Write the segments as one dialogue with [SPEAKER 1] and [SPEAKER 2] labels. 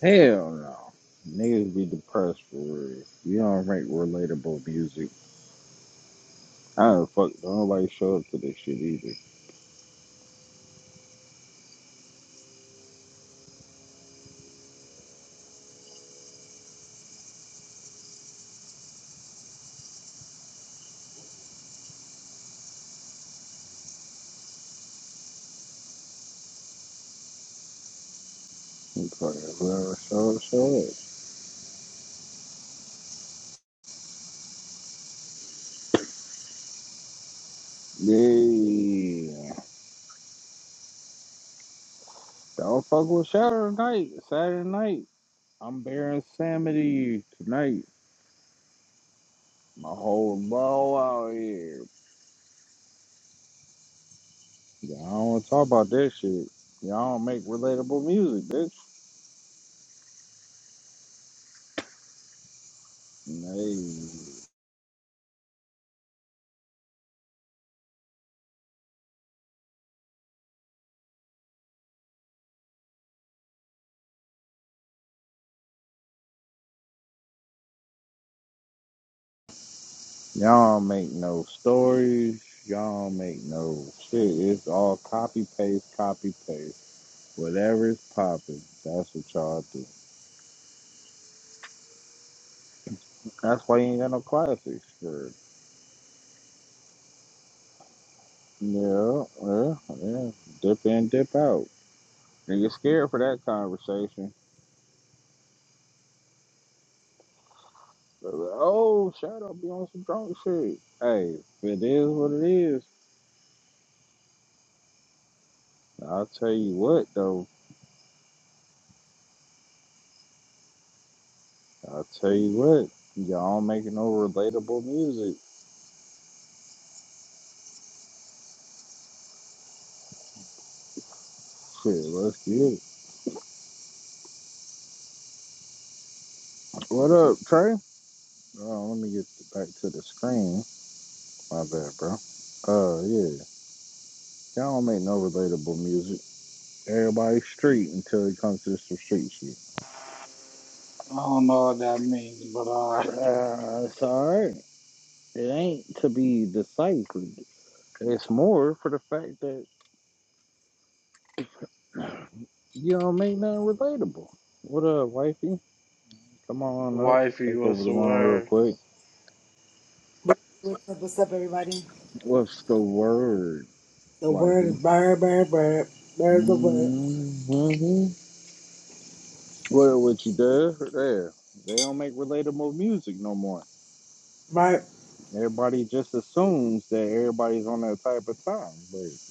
[SPEAKER 1] Hell no. Niggas be depressed for real. You don't make relatable music. I don't fuck. Don't nobody show up to this shit either. You fuck Whoever show up, show up. Yeah. Don't fuck with Saturday night. Saturday night. I'm bearing Samity tonight. My whole ball out here. Yeah, I don't want to talk about that shit. Y'all don't make relatable music, bitch. Nay. Y'all don't make no stories. Y'all don't make no shit. It's all copy paste, copy paste. Whatever is popping, that's what y'all do. That's why you ain't got no classics for. it. Yeah, yeah, yeah. Dip in, dip out. And you're scared for that conversation. But, Oh, shut up, be on some drunk shit. Hey, it is what it is. I'll tell you what though. I'll tell you what. Y'all making no relatable music. Shit, let's get it. What up, Trey? Oh, let me get back to the screen. My bad, bro. Uh, yeah. Y'all don't make no relatable music. Everybody street until it comes to some street shit.
[SPEAKER 2] I don't know what that means, but uh,
[SPEAKER 1] Uh, it's alright. It ain't to be deciphered. It's more for the fact that you don't make nothing relatable. What up, wifey? Come on up.
[SPEAKER 2] Wifey,
[SPEAKER 1] Take over
[SPEAKER 2] what's
[SPEAKER 1] the
[SPEAKER 2] the
[SPEAKER 1] room real
[SPEAKER 2] word?
[SPEAKER 1] quick.
[SPEAKER 3] What's up, what's up, everybody?
[SPEAKER 1] What's the word,
[SPEAKER 3] The
[SPEAKER 1] wifey?
[SPEAKER 3] word, bird, bird, bird, bird, the word,
[SPEAKER 1] Mmm. Well, what you do? there? They don't make relatable music no more.
[SPEAKER 3] right?
[SPEAKER 1] Everybody just assumes that everybody's on that type of time, but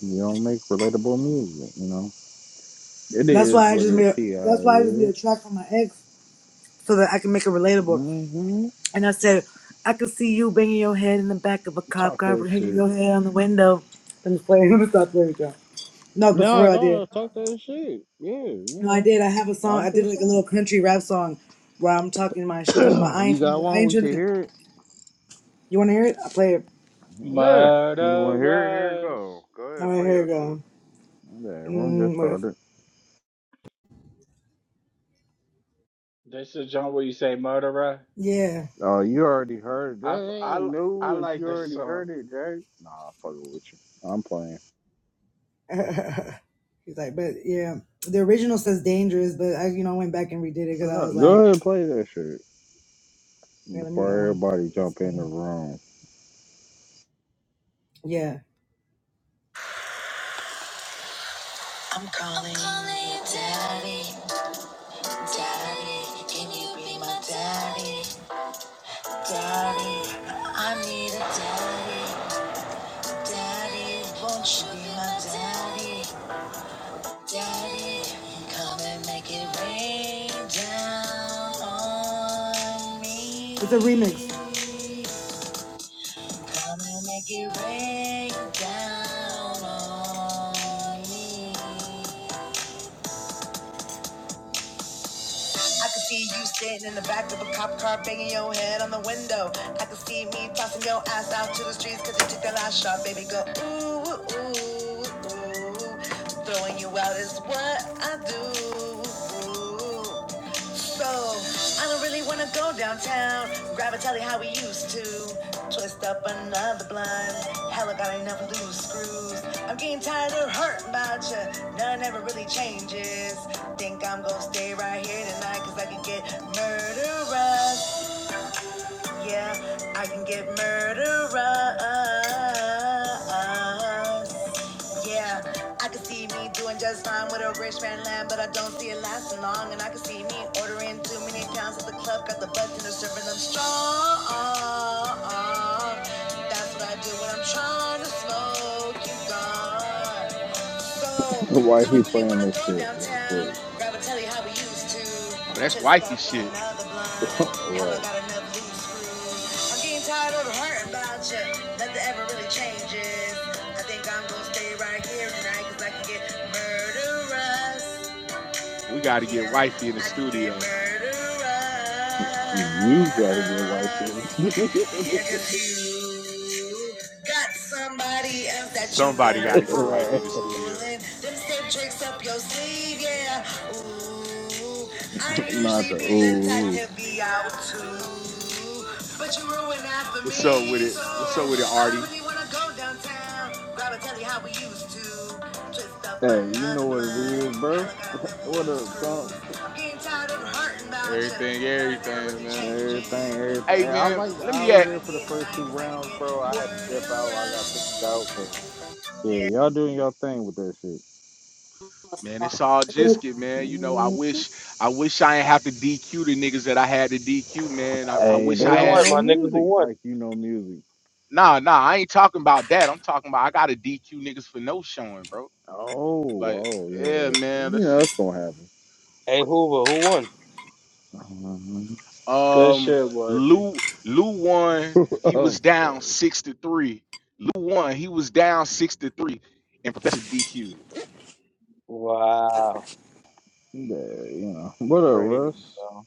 [SPEAKER 1] you don't make relatable music. You know, it
[SPEAKER 3] That's
[SPEAKER 1] is
[SPEAKER 3] why I
[SPEAKER 1] what
[SPEAKER 3] just
[SPEAKER 1] it
[SPEAKER 3] made.
[SPEAKER 1] ti
[SPEAKER 3] That's why I just made a
[SPEAKER 1] is.
[SPEAKER 3] track for my ex so that I can make it relatable.
[SPEAKER 1] mm hmm
[SPEAKER 3] And I said, I could see you banging your head in the back of a cop
[SPEAKER 1] Talk
[SPEAKER 3] car,
[SPEAKER 1] that
[SPEAKER 3] hanging
[SPEAKER 1] shit.
[SPEAKER 3] your head on the window. I'm just playing. I'm just not playing, with y'all. No, but for
[SPEAKER 1] No,
[SPEAKER 3] real, I did.
[SPEAKER 1] don't talk that shit. Yeah, you
[SPEAKER 3] No, I
[SPEAKER 1] know.
[SPEAKER 3] did. I have a song.
[SPEAKER 1] I'm
[SPEAKER 3] I did
[SPEAKER 1] just
[SPEAKER 3] like a little
[SPEAKER 1] saying.
[SPEAKER 3] country rap song where I'm talking my shit, talking about I ain't
[SPEAKER 1] you
[SPEAKER 3] trying
[SPEAKER 1] got
[SPEAKER 3] to. I
[SPEAKER 1] one?
[SPEAKER 3] ain't
[SPEAKER 1] We
[SPEAKER 3] trying
[SPEAKER 1] can
[SPEAKER 3] to.
[SPEAKER 1] hear it.
[SPEAKER 3] You want to hear it? I play it.
[SPEAKER 1] Yeah. You want to hear it? Here it
[SPEAKER 2] murderers.
[SPEAKER 1] go. Go
[SPEAKER 3] All
[SPEAKER 1] ahead,
[SPEAKER 3] right,
[SPEAKER 1] play
[SPEAKER 3] here
[SPEAKER 1] your
[SPEAKER 3] we
[SPEAKER 1] shit.
[SPEAKER 3] go.
[SPEAKER 1] Yeah, room just
[SPEAKER 3] Mm, what the f-
[SPEAKER 1] started.
[SPEAKER 2] This is John where you say murderer.
[SPEAKER 3] yeah.
[SPEAKER 1] Oh, you already heard.
[SPEAKER 2] I,
[SPEAKER 1] That ain't
[SPEAKER 2] I, I
[SPEAKER 1] new if you
[SPEAKER 2] like this
[SPEAKER 1] already
[SPEAKER 2] song.
[SPEAKER 1] heard it, Jay. Nah, I'm fucking with you. I'm playing.
[SPEAKER 3] He's like, but yeah, the original says dangerous, but I, you know, went back and redid it because I
[SPEAKER 1] No,
[SPEAKER 3] was
[SPEAKER 1] go ahead
[SPEAKER 3] like,
[SPEAKER 1] and play that shit
[SPEAKER 3] okay, let me,
[SPEAKER 1] before
[SPEAKER 3] um,
[SPEAKER 1] everybody
[SPEAKER 3] it's
[SPEAKER 1] jump in the
[SPEAKER 3] been-
[SPEAKER 1] room.
[SPEAKER 3] yeah. I'm calling, I'm calling you daddy, daddy. Can you be my daddy, daddy? I need a daddy, daddy. Won't you be my daddy, daddy? Come and make it rain down on me. It's a remix. I'm Gonna make it rain down on me. I can see you sitting in the back of a cop car, banging your head on the window. I can see me tossing your ass out to the streets, cause you took that last shot, baby. Go, ooh, ooh, ooh. ooh. Throwing you out is what I do. Bro, I don't really wanna go downtown. Grab a telly how we used to. Twist up another blunt. Hella got enough loose screws. I'm getting tired of hurting about ya. None ever really changes. Think I'm gonna stay right here tonight, cause I could get murderous. Yeah, I can get murderous. Yeah, I can see me doing just fine with a rich man land, but I don't see it lasting long. And I can see me ordering too many pounds at the club, got the buzz in the serving them strong. That's what I do when I'm trying to smoke you gone. So I
[SPEAKER 1] Wifey
[SPEAKER 3] don't really
[SPEAKER 1] playing
[SPEAKER 3] wanna
[SPEAKER 1] this
[SPEAKER 3] go
[SPEAKER 1] shit real
[SPEAKER 3] downtown.
[SPEAKER 1] quick.
[SPEAKER 3] Grab a telly how we used to.
[SPEAKER 4] Oh, that's
[SPEAKER 3] Twist
[SPEAKER 4] wifey
[SPEAKER 3] up
[SPEAKER 4] shit.
[SPEAKER 3] another blunt. Hell, I
[SPEAKER 1] right.
[SPEAKER 3] got enough loose screws. I'm getting tired of hurting about you. Nothing ever really changes. I think I'm gonna stay right here tonight, cause I can get murderous.
[SPEAKER 4] We got to get
[SPEAKER 3] Yeah,
[SPEAKER 4] wifey in the
[SPEAKER 3] I can get
[SPEAKER 4] studio.
[SPEAKER 1] You gotta get wifey
[SPEAKER 3] murderous.
[SPEAKER 1] in the studio.
[SPEAKER 3] Yeah, cause you got somebody else that you've
[SPEAKER 4] Somebody
[SPEAKER 3] been
[SPEAKER 4] got to get wifey
[SPEAKER 1] right.
[SPEAKER 4] in the studio.
[SPEAKER 3] fooling. Them same tricks up your sleeve, yeah. Ooh, I
[SPEAKER 1] Not
[SPEAKER 3] usually
[SPEAKER 1] the
[SPEAKER 3] be the type
[SPEAKER 1] ooh.
[SPEAKER 3] to be out too. But you ruined that for
[SPEAKER 4] What's up with
[SPEAKER 3] me,
[SPEAKER 4] it?
[SPEAKER 3] so
[SPEAKER 4] What's up with it,
[SPEAKER 3] I don't
[SPEAKER 4] Artie?
[SPEAKER 3] really wanna go downtown. Grab a telly how we used to. Twist up
[SPEAKER 1] Hey, you know
[SPEAKER 3] another
[SPEAKER 1] what it is,
[SPEAKER 3] blunt. Hell,
[SPEAKER 1] bro.
[SPEAKER 3] I got another
[SPEAKER 1] What
[SPEAKER 3] loose
[SPEAKER 1] up,
[SPEAKER 3] screw.
[SPEAKER 1] chunks?
[SPEAKER 3] I'm getting tired of hurting
[SPEAKER 4] Uh,
[SPEAKER 3] about you.
[SPEAKER 4] everything,
[SPEAKER 3] None of that
[SPEAKER 4] everything,
[SPEAKER 3] really
[SPEAKER 4] man.
[SPEAKER 3] changing.
[SPEAKER 1] Everything, everything.
[SPEAKER 4] Hey,
[SPEAKER 3] Think
[SPEAKER 1] Hey, I
[SPEAKER 4] man,
[SPEAKER 3] I'm
[SPEAKER 1] like.
[SPEAKER 3] gonna
[SPEAKER 4] let
[SPEAKER 1] I
[SPEAKER 4] me
[SPEAKER 3] stay
[SPEAKER 1] was
[SPEAKER 4] at.
[SPEAKER 1] there
[SPEAKER 3] right
[SPEAKER 1] for the
[SPEAKER 3] here tonight
[SPEAKER 1] first two
[SPEAKER 3] 'cause I can
[SPEAKER 1] rounds,
[SPEAKER 3] get
[SPEAKER 1] bro. I
[SPEAKER 5] Who
[SPEAKER 1] had to dip out. I got
[SPEAKER 3] murderous.
[SPEAKER 1] pinged out, but. Yeah, y'all doing y'all thing with that shit.
[SPEAKER 4] Man, it's all
[SPEAKER 3] Good.
[SPEAKER 4] Jisket, man. You know, I
[SPEAKER 1] Mm,
[SPEAKER 4] wish, I wish I ain't have to DQ the niggas that I had to DQ, man. I, I
[SPEAKER 1] Hey,
[SPEAKER 4] wish
[SPEAKER 1] they
[SPEAKER 4] I
[SPEAKER 1] don't
[SPEAKER 4] had.
[SPEAKER 5] won,
[SPEAKER 1] know
[SPEAKER 5] my nigga?
[SPEAKER 1] music
[SPEAKER 5] Who won?
[SPEAKER 1] like you know music.
[SPEAKER 4] Nah, nah, I ain't talking about that. I'm talking about I got to DQ niggas for no showing, bro.
[SPEAKER 1] Oh,
[SPEAKER 4] Like,
[SPEAKER 1] oh
[SPEAKER 4] yeah,
[SPEAKER 1] yeah.
[SPEAKER 4] man.
[SPEAKER 1] You know
[SPEAKER 4] That's
[SPEAKER 1] that's gonna happen.
[SPEAKER 5] Hey, Hoover, who won?
[SPEAKER 1] Mhm.
[SPEAKER 2] Good
[SPEAKER 4] Um,
[SPEAKER 2] shit, wifey.
[SPEAKER 4] Lou Lou won. He was
[SPEAKER 1] Of
[SPEAKER 4] down
[SPEAKER 1] course.
[SPEAKER 4] six to three. Lou won. He was down six to three, and Professor DQ.
[SPEAKER 5] Wow,
[SPEAKER 1] Yeah, you know. What up,
[SPEAKER 5] crazy,
[SPEAKER 1] Russ?
[SPEAKER 5] bro.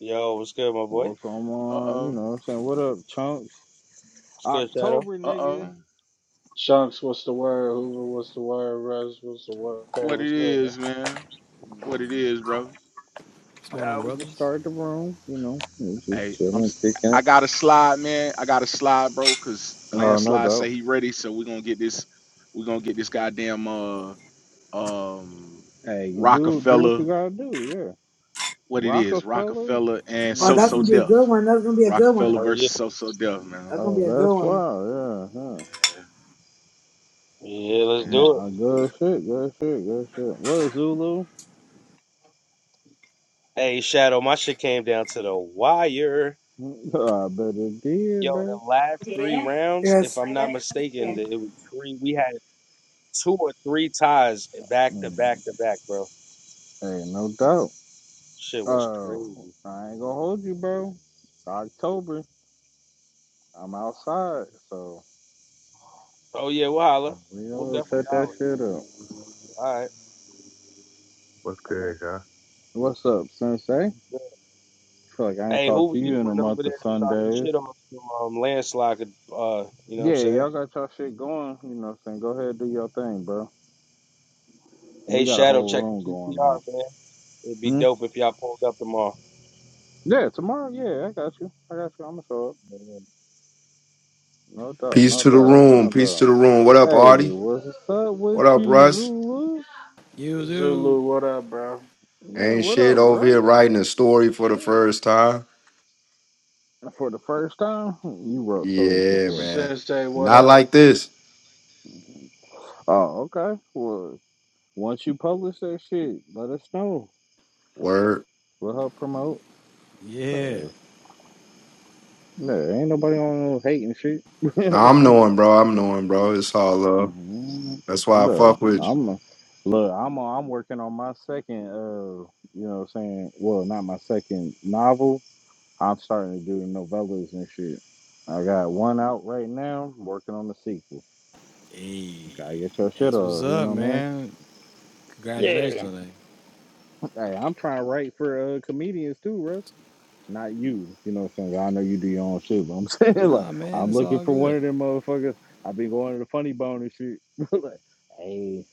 [SPEAKER 5] Yo, what's good, my boy?
[SPEAKER 1] Welcome
[SPEAKER 4] Uh
[SPEAKER 1] on. You
[SPEAKER 4] oh.
[SPEAKER 1] know what I'm saying? What up, Chunks?
[SPEAKER 5] What's good, Shadow?
[SPEAKER 1] October,
[SPEAKER 4] Uh
[SPEAKER 1] nigga.
[SPEAKER 4] oh.
[SPEAKER 2] Chunks, what's the word? Hoover, what's the word? Russ, what's the word?
[SPEAKER 5] Hey,
[SPEAKER 4] What
[SPEAKER 5] what's
[SPEAKER 4] it
[SPEAKER 5] good,
[SPEAKER 4] is,
[SPEAKER 5] man?
[SPEAKER 4] man? What it
[SPEAKER 1] Mm,
[SPEAKER 4] is, bro?
[SPEAKER 6] What's going
[SPEAKER 1] I
[SPEAKER 6] on,
[SPEAKER 1] we just
[SPEAKER 6] brothers?
[SPEAKER 1] started the room, you know. we Just
[SPEAKER 4] Hey, I'm.
[SPEAKER 1] chilling,
[SPEAKER 4] s-
[SPEAKER 1] kicking
[SPEAKER 4] I
[SPEAKER 1] it.
[SPEAKER 4] got to slide, man. I got to slide, bro. Cause
[SPEAKER 1] Oh, no
[SPEAKER 4] landslide
[SPEAKER 1] doubt.
[SPEAKER 4] say he ready, so we're gonna get this. We're gonna get this goddamn uh um
[SPEAKER 1] Hey, you do do what you
[SPEAKER 4] Rockefeller.
[SPEAKER 1] gotta do, yeah.
[SPEAKER 4] What it is?
[SPEAKER 1] Rockefeller?
[SPEAKER 4] Rockefeller and
[SPEAKER 3] Oh,
[SPEAKER 4] So
[SPEAKER 3] that's
[SPEAKER 4] So
[SPEAKER 3] gonna
[SPEAKER 1] Hmm.
[SPEAKER 3] be a good
[SPEAKER 4] Deaf.
[SPEAKER 3] one. That's gonna be a good
[SPEAKER 4] Rockefeller
[SPEAKER 3] one.
[SPEAKER 5] How are you?
[SPEAKER 4] versus So So Deaf, man.
[SPEAKER 3] That's gonna
[SPEAKER 1] Oh,
[SPEAKER 3] be a good
[SPEAKER 1] that's
[SPEAKER 3] one.
[SPEAKER 1] wild. Yeah, huh.
[SPEAKER 5] Yeah, let's
[SPEAKER 4] man
[SPEAKER 5] do it.
[SPEAKER 1] Nah, good shit, good shit, good shit. What is Zulu?
[SPEAKER 5] Hey, Shadow, my shit came down to the wire.
[SPEAKER 1] I bet it
[SPEAKER 5] Yo,
[SPEAKER 1] did, bro.
[SPEAKER 5] the last three
[SPEAKER 3] Yeah,
[SPEAKER 5] rounds, if
[SPEAKER 3] Yes.
[SPEAKER 5] I'm
[SPEAKER 3] I got
[SPEAKER 5] not mistaken,
[SPEAKER 3] you.
[SPEAKER 5] it was three. We had two or three ties back to back
[SPEAKER 1] Mm,
[SPEAKER 5] to back, bro.
[SPEAKER 1] Hey, no doubt.
[SPEAKER 5] Shit was
[SPEAKER 1] Uh,
[SPEAKER 5] crazy.
[SPEAKER 1] I ain't gonna hold you, bro. It's October, I'm outside, so
[SPEAKER 5] Oh yeah, we'll holla.
[SPEAKER 1] we
[SPEAKER 5] We'll
[SPEAKER 1] gonna
[SPEAKER 5] definitely
[SPEAKER 1] set that
[SPEAKER 5] holla.
[SPEAKER 1] shit up.
[SPEAKER 5] All right,
[SPEAKER 7] What's
[SPEAKER 5] I got.
[SPEAKER 7] good, you
[SPEAKER 1] What's up, Sensei?
[SPEAKER 5] you.
[SPEAKER 1] Feel like I ain't
[SPEAKER 5] Hey,
[SPEAKER 1] talked
[SPEAKER 5] who
[SPEAKER 1] to
[SPEAKER 5] just
[SPEAKER 1] you in a
[SPEAKER 5] went over
[SPEAKER 1] month
[SPEAKER 5] there
[SPEAKER 1] of
[SPEAKER 5] and started
[SPEAKER 1] Sundays.
[SPEAKER 5] shit on um, landslide? could, Uh, you know what I'm
[SPEAKER 1] Yeah,
[SPEAKER 5] saying?
[SPEAKER 1] y'all got y'all shit going. You know what I'm saying? Go ahead, do your thing, bro.
[SPEAKER 5] Hey,
[SPEAKER 1] We got a
[SPEAKER 5] Shadow,
[SPEAKER 1] whole
[SPEAKER 5] check the
[SPEAKER 1] room going
[SPEAKER 5] PCR,
[SPEAKER 1] on.
[SPEAKER 5] man. It'd be dope if y'all pulled up tomorrow.
[SPEAKER 1] Yeah, tomorrow. Yeah, I got you. I got you. I'm gonna show up. No doubt.
[SPEAKER 8] Peace
[SPEAKER 1] No
[SPEAKER 8] to the
[SPEAKER 1] doubt.
[SPEAKER 8] room.
[SPEAKER 1] No
[SPEAKER 8] Peace to the
[SPEAKER 1] doubt.
[SPEAKER 8] room. What up,
[SPEAKER 1] Hey,
[SPEAKER 8] Artie?
[SPEAKER 1] what's up with
[SPEAKER 8] What up,
[SPEAKER 1] you,
[SPEAKER 8] Russ?
[SPEAKER 1] Zulu?
[SPEAKER 6] You, dude.
[SPEAKER 2] Zulu, what up, bro?
[SPEAKER 1] Yeah,
[SPEAKER 8] Ain't
[SPEAKER 1] what up,
[SPEAKER 8] shit over
[SPEAKER 1] Russ?
[SPEAKER 8] here writing a story for the
[SPEAKER 1] Shit.
[SPEAKER 8] first time.
[SPEAKER 1] For the first time, you wrote stories
[SPEAKER 8] Yeah,
[SPEAKER 1] before, bro.
[SPEAKER 8] man.
[SPEAKER 2] Sensei, what
[SPEAKER 8] Not
[SPEAKER 2] up?
[SPEAKER 8] like this.
[SPEAKER 1] Oh, okay. Well, once you publish that shit, let us know.
[SPEAKER 8] Word.
[SPEAKER 1] We'll help promote.
[SPEAKER 6] Yeah.
[SPEAKER 1] Yeah, yeah, ain't nobody on no hating shit.
[SPEAKER 8] Now I'm knowing, bro. I'm knowing, bro. It's all love.
[SPEAKER 1] Mhm.
[SPEAKER 8] That's why I
[SPEAKER 1] Bro,
[SPEAKER 8] fuck with you.
[SPEAKER 1] I'm look. I'm I'm working on my second. Uh, you know, what I'm saying well, not my second novel. I'm starting to do novellas and shit. I got one out right now. Working on the sequel.
[SPEAKER 6] Hey,
[SPEAKER 1] Gotta get your shit
[SPEAKER 6] that's what's
[SPEAKER 1] off. You
[SPEAKER 6] up,
[SPEAKER 1] know what I mean?
[SPEAKER 6] man. Congratulations
[SPEAKER 1] Yeah.
[SPEAKER 6] on that.
[SPEAKER 1] Hey, I'm trying to write for uh, comedians too, Russ. Not you. You know what I'm saying? I know you do your own shit, but I'm saying like
[SPEAKER 6] Nah, man,
[SPEAKER 1] I'm
[SPEAKER 6] it's
[SPEAKER 1] looking
[SPEAKER 6] all
[SPEAKER 1] for one
[SPEAKER 6] good.
[SPEAKER 1] of them motherfuckers. I've been going to the funny bone and shit. like, hey,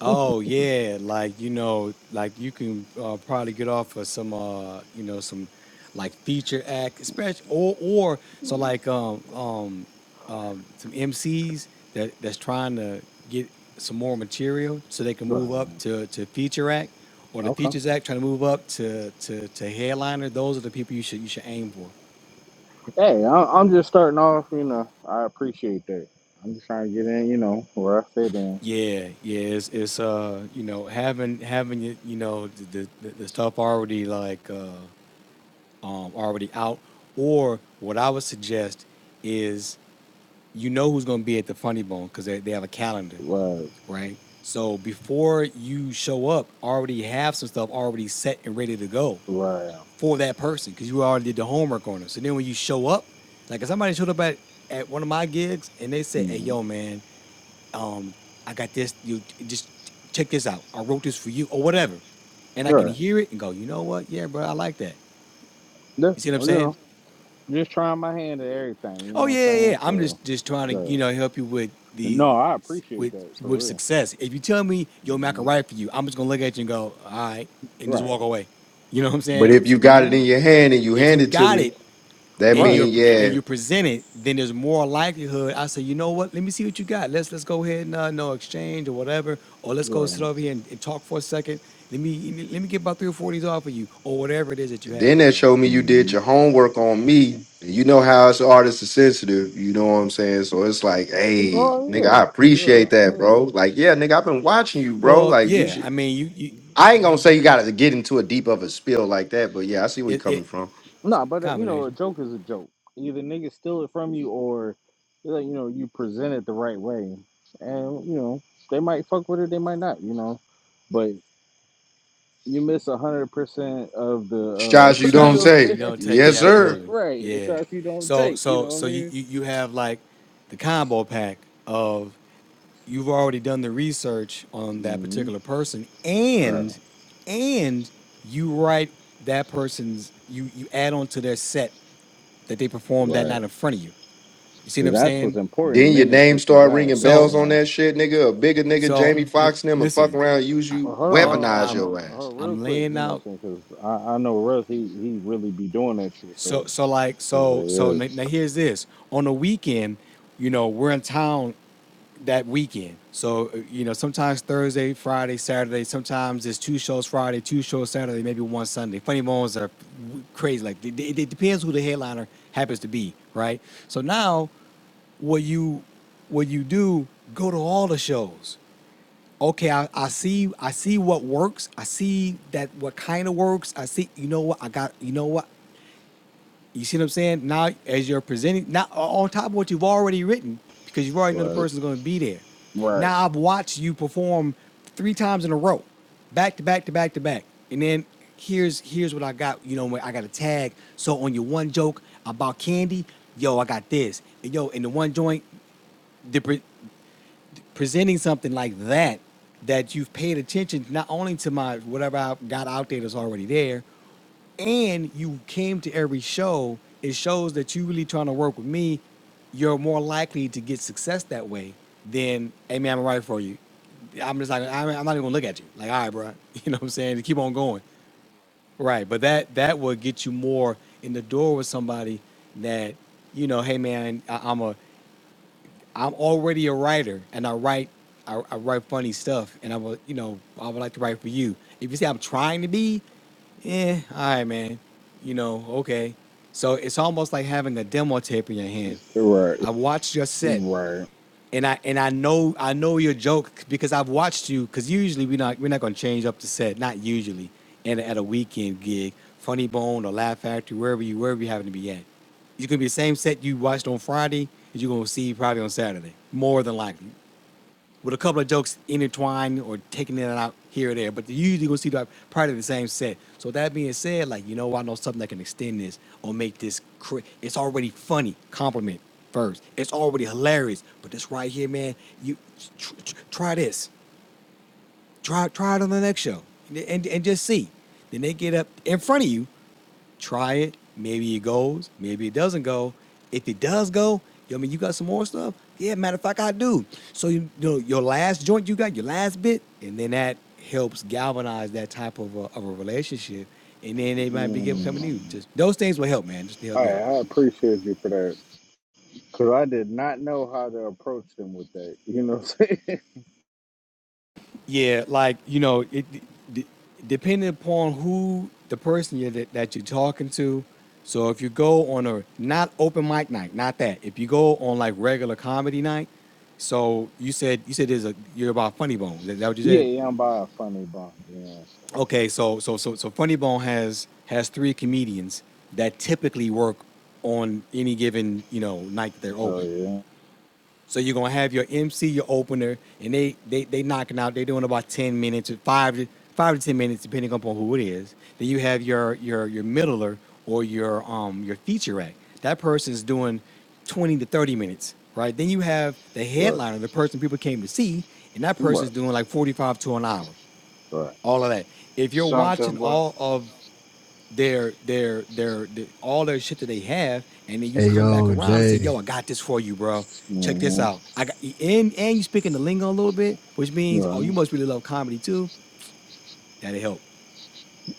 [SPEAKER 6] Oh yeah, like you know, like you can uh, probably get off for some, uh, you know, some like feature act, especially or or so like um um um some MCs that that's trying to get some more material so they can move
[SPEAKER 1] uh,
[SPEAKER 6] up to to feature act or the
[SPEAKER 1] okay.
[SPEAKER 6] features act trying to move up to to to headliner. Those are the people you should you should aim for.
[SPEAKER 1] Hey, I- I'm just starting off, you know, I appreciate that. I'm just trying to get in, you know, where I fit in,
[SPEAKER 6] Yeah, yeah, it's it's uh you know having having it you know the the, the stuff already like. uh um, already out. Or what I would suggest is you know who's going to be at the Funny Bone because they, they have a calendar,
[SPEAKER 1] where,
[SPEAKER 6] right? So before you show up, already have some stuff already set and ready to go
[SPEAKER 1] where I am.
[SPEAKER 6] for that person because you already did the homework on them. So then when you show up, like if somebody showed up at, at one of my gigs and they said, "Hey,
[SPEAKER 1] Mhm.
[SPEAKER 6] yo, man, I got this. You just check this out. I wrote this for you, or whatever," and I can
[SPEAKER 1] Right.
[SPEAKER 6] hear it and go, "You know what? Yeah, bro, I like that."
[SPEAKER 1] Yeah,
[SPEAKER 6] You see what I'm
[SPEAKER 1] well, you
[SPEAKER 6] saying?
[SPEAKER 1] know, just trying my hand at everything, you
[SPEAKER 6] Oh
[SPEAKER 1] know what
[SPEAKER 6] yeah, yeah.
[SPEAKER 1] I'm saying?
[SPEAKER 6] yeah. I'm
[SPEAKER 1] So,
[SPEAKER 6] just just trying to you
[SPEAKER 1] the,
[SPEAKER 6] know help you with the
[SPEAKER 1] no, I appreciate
[SPEAKER 6] with
[SPEAKER 1] that for
[SPEAKER 6] with
[SPEAKER 1] real.
[SPEAKER 6] success. If you tell me yo Mac
[SPEAKER 1] hmm
[SPEAKER 6] I write for you, I'm just gonna look at you and go all right, and just
[SPEAKER 1] Right.
[SPEAKER 6] walk away. You know what I'm
[SPEAKER 8] But
[SPEAKER 6] saying?
[SPEAKER 8] if you got it
[SPEAKER 1] hmm
[SPEAKER 8] in your hand and you
[SPEAKER 6] If you
[SPEAKER 8] hand it to
[SPEAKER 6] got
[SPEAKER 8] me,
[SPEAKER 6] it
[SPEAKER 8] that
[SPEAKER 6] and
[SPEAKER 1] Right.
[SPEAKER 6] you're
[SPEAKER 8] mean
[SPEAKER 6] and
[SPEAKER 8] yeah.
[SPEAKER 6] you present it, then there's more likelihood. I say you know what? Let me see what you got. Let's let's go ahead and uh, no exchange or whatever, or let's go sit
[SPEAKER 1] Right.
[SPEAKER 6] over here and, and talk for a second. Let me let me get about three or four of these off of you or whatever it is that you have.
[SPEAKER 8] Then that
[SPEAKER 6] So,
[SPEAKER 8] show me you did
[SPEAKER 1] hmm
[SPEAKER 8] your homework on me. And you know how us artists are sensitive. You know what I'm saying? So it's like, hey,
[SPEAKER 1] Oh,
[SPEAKER 8] nigga,
[SPEAKER 1] yeah.
[SPEAKER 8] I
[SPEAKER 1] Oh,
[SPEAKER 8] appreciate
[SPEAKER 1] Yeah.
[SPEAKER 8] that,
[SPEAKER 1] Oh,
[SPEAKER 8] bro.
[SPEAKER 1] Yeah.
[SPEAKER 8] Like, yeah, nigga, I've been watching you, bro.
[SPEAKER 6] well,
[SPEAKER 8] Like, you
[SPEAKER 6] yeah. I
[SPEAKER 8] should.
[SPEAKER 6] mean, you you
[SPEAKER 1] Mm-hmm.
[SPEAKER 8] I ain't gonna say you gotta get into a deep of a spill like that, but yeah, I see where you
[SPEAKER 6] it, it
[SPEAKER 8] coming from.
[SPEAKER 1] No, but uh, you know, a
[SPEAKER 6] combination.
[SPEAKER 1] joke is a joke. Either niggas steal it from you or like, you know, you present it the right way. And, you know, they might fuck with it, they might not, you know. But you miss a hundred percent of the
[SPEAKER 8] Shots
[SPEAKER 6] You
[SPEAKER 1] uh
[SPEAKER 8] you
[SPEAKER 1] you
[SPEAKER 8] don't
[SPEAKER 1] know
[SPEAKER 6] shot.
[SPEAKER 1] what
[SPEAKER 6] You
[SPEAKER 1] I'm
[SPEAKER 8] take.
[SPEAKER 6] don't
[SPEAKER 1] saying?
[SPEAKER 6] take it
[SPEAKER 8] Yes, sir.
[SPEAKER 6] absolutely.
[SPEAKER 1] right. The
[SPEAKER 6] Yeah.
[SPEAKER 1] shots you don't
[SPEAKER 6] So
[SPEAKER 1] take, you
[SPEAKER 6] so
[SPEAKER 1] know
[SPEAKER 6] so
[SPEAKER 1] what I
[SPEAKER 6] you,
[SPEAKER 1] mean?
[SPEAKER 6] you you have like the combo pack of you've already done the research on that particular
[SPEAKER 1] Mm-hmm.
[SPEAKER 6] person and
[SPEAKER 1] Right,
[SPEAKER 6] and you write that person's you you add on to their set that they performed that
[SPEAKER 1] right.
[SPEAKER 6] night in front of you. You see what
[SPEAKER 1] 'Cause
[SPEAKER 6] I'm
[SPEAKER 1] that's what's
[SPEAKER 6] saying?
[SPEAKER 1] important, the
[SPEAKER 8] Then your
[SPEAKER 1] minutes
[SPEAKER 8] name
[SPEAKER 1] that you
[SPEAKER 8] start
[SPEAKER 1] got up
[SPEAKER 8] ringing
[SPEAKER 1] there, you
[SPEAKER 8] bells
[SPEAKER 6] So
[SPEAKER 8] on
[SPEAKER 1] know.
[SPEAKER 8] that shit, nigga. A bigger nigga,
[SPEAKER 6] so
[SPEAKER 8] Jamie
[SPEAKER 6] li-
[SPEAKER 8] Foxx and them, and fuck
[SPEAKER 6] listen,
[SPEAKER 8] around, use
[SPEAKER 1] Well,
[SPEAKER 8] you,
[SPEAKER 1] hold on, hold
[SPEAKER 6] I'm
[SPEAKER 1] on,
[SPEAKER 8] weaponize
[SPEAKER 6] I'm
[SPEAKER 1] hold
[SPEAKER 8] your
[SPEAKER 1] on,
[SPEAKER 8] ass.
[SPEAKER 1] hold on, real
[SPEAKER 6] I'm
[SPEAKER 1] quick,
[SPEAKER 6] laying
[SPEAKER 1] you know
[SPEAKER 6] out.
[SPEAKER 1] what I'm saying? Because I, I know Russ, he, he really be doing that shit. So,
[SPEAKER 6] So so like
[SPEAKER 1] it's
[SPEAKER 6] so so
[SPEAKER 1] like,
[SPEAKER 6] n- now here's this. On the weekend, you know, we're in town that weekend. So, uh, you know, sometimes Thursday, Friday, Saturday, sometimes it's two shows Friday, two shows Saturday, maybe one Sunday. Funny Bones are w- crazy. Like, it, it it depends who the headliner happens to be, right? So now, what you what you do, go to all the shows. Okay, I, I see I see what works. I see that what kind of works. I see you know what I got you know what you see what I'm saying? Now, as you're presenting, now on top of what you've already written, because you already
[SPEAKER 1] yeah,
[SPEAKER 6] know the
[SPEAKER 1] right.
[SPEAKER 6] person's going to be there.
[SPEAKER 1] Right,
[SPEAKER 6] Now I've watched you perform three times in a row, back to back to back to back, and then here's here's what I got. You know, when I got a tag. So on your one joke about candy, yo, I got this. And yo, in the one joint, the pre- presenting something like that that you've paid attention not only to my whatever I got out there that's already there, and you came to every show, it shows that you really trying to work with me. You're more likely to get success that way than, hey man, I'm right for you. I'm just like I'm I'm not even gonna look at you. Like, all right, bro, you know what I'm saying? keep on going, right? But that that will get you more in the door with somebody that you know, hey man, I, I'm a I'm already a writer, and I write, I, I write funny stuff, and I will, you know, I would like to write for you. If you say I'm trying to be, yeah, all right, man, you know, okay. So it's almost like having a demo tape in your hand.
[SPEAKER 1] right,
[SPEAKER 6] I watched your set,
[SPEAKER 1] right.
[SPEAKER 6] and I and I know I know your joke because I've watched you. Because usually we are not we're not gonna change up the set. Not usually, and at a weekend gig, Funny Bone or Laugh Factory, wherever you wherever you happen to be at, it's gonna be the same set you watched on Friday as you're gonna see probably on Saturday, more than likely with a couple of jokes intertwined or taking it out here or there. But you're usually gonna see that part of the same set. So that being said, like you know, I know something that can extend this or make this. Cra- it's already funny. Compliment first. It's already hilarious. But this right here, man, you tr- tr- try this. Try try it on the next show, and and, and just see. Then they get up in front of you try it. Maybe it goes. Maybe it doesn't go. If it does go, you know, I mean, you got some more stuff. Yeah, matter of fact, I do. So you, you know, your last joint you got, your last bit, and then that helps galvanize that type of a, of a relationship. And then they might be becoming you.
[SPEAKER 1] Mm.
[SPEAKER 6] Just those things will help, man. Just to help
[SPEAKER 1] All
[SPEAKER 6] you out.
[SPEAKER 1] right, I appreciate you for that because I did not know how to approach them with that. You know what I'm saying?
[SPEAKER 6] Yeah, like you know, it d- d- depending upon who the person you that, that you're talking to. So if you go on a not open mic night, not that. If you go on like regular comedy night, so you said you said there's a you're about Funny Bone. Is that what you
[SPEAKER 1] yeah,
[SPEAKER 6] said?
[SPEAKER 1] yeah, I'm by a funny bone. You
[SPEAKER 6] Okay, so so so so Funny Bone has has three comedians that typically work on any given you know night that they're
[SPEAKER 1] Hell
[SPEAKER 6] open.
[SPEAKER 1] yeah.
[SPEAKER 6] So you're gonna have your MC, your opener, and they they they knocking out. They're doing about ten minutes, five to five to ten minutes, depending upon who it is. Then you have your your your middler or your um your feature act. That person's doing twenty to thirty minutes, right? Then you have the
[SPEAKER 1] Right,
[SPEAKER 6] headliner, the person people came to see, and that
[SPEAKER 1] right,
[SPEAKER 6] person's doing like forty five to an hour.
[SPEAKER 1] right.
[SPEAKER 6] All of that. If you're watching
[SPEAKER 2] Something, what?
[SPEAKER 6] all of their their their, their all their shit that they have, and then you
[SPEAKER 9] Hey
[SPEAKER 6] come back
[SPEAKER 9] yo,
[SPEAKER 6] around and say,
[SPEAKER 9] Jay.
[SPEAKER 6] "Yo, I got this for you, bro. Check this
[SPEAKER 1] hmm
[SPEAKER 6] out. I got and and you speaking the lingo a little bit, which means oh,
[SPEAKER 1] Yeah.
[SPEAKER 6] you must really love comedy too. That'll help.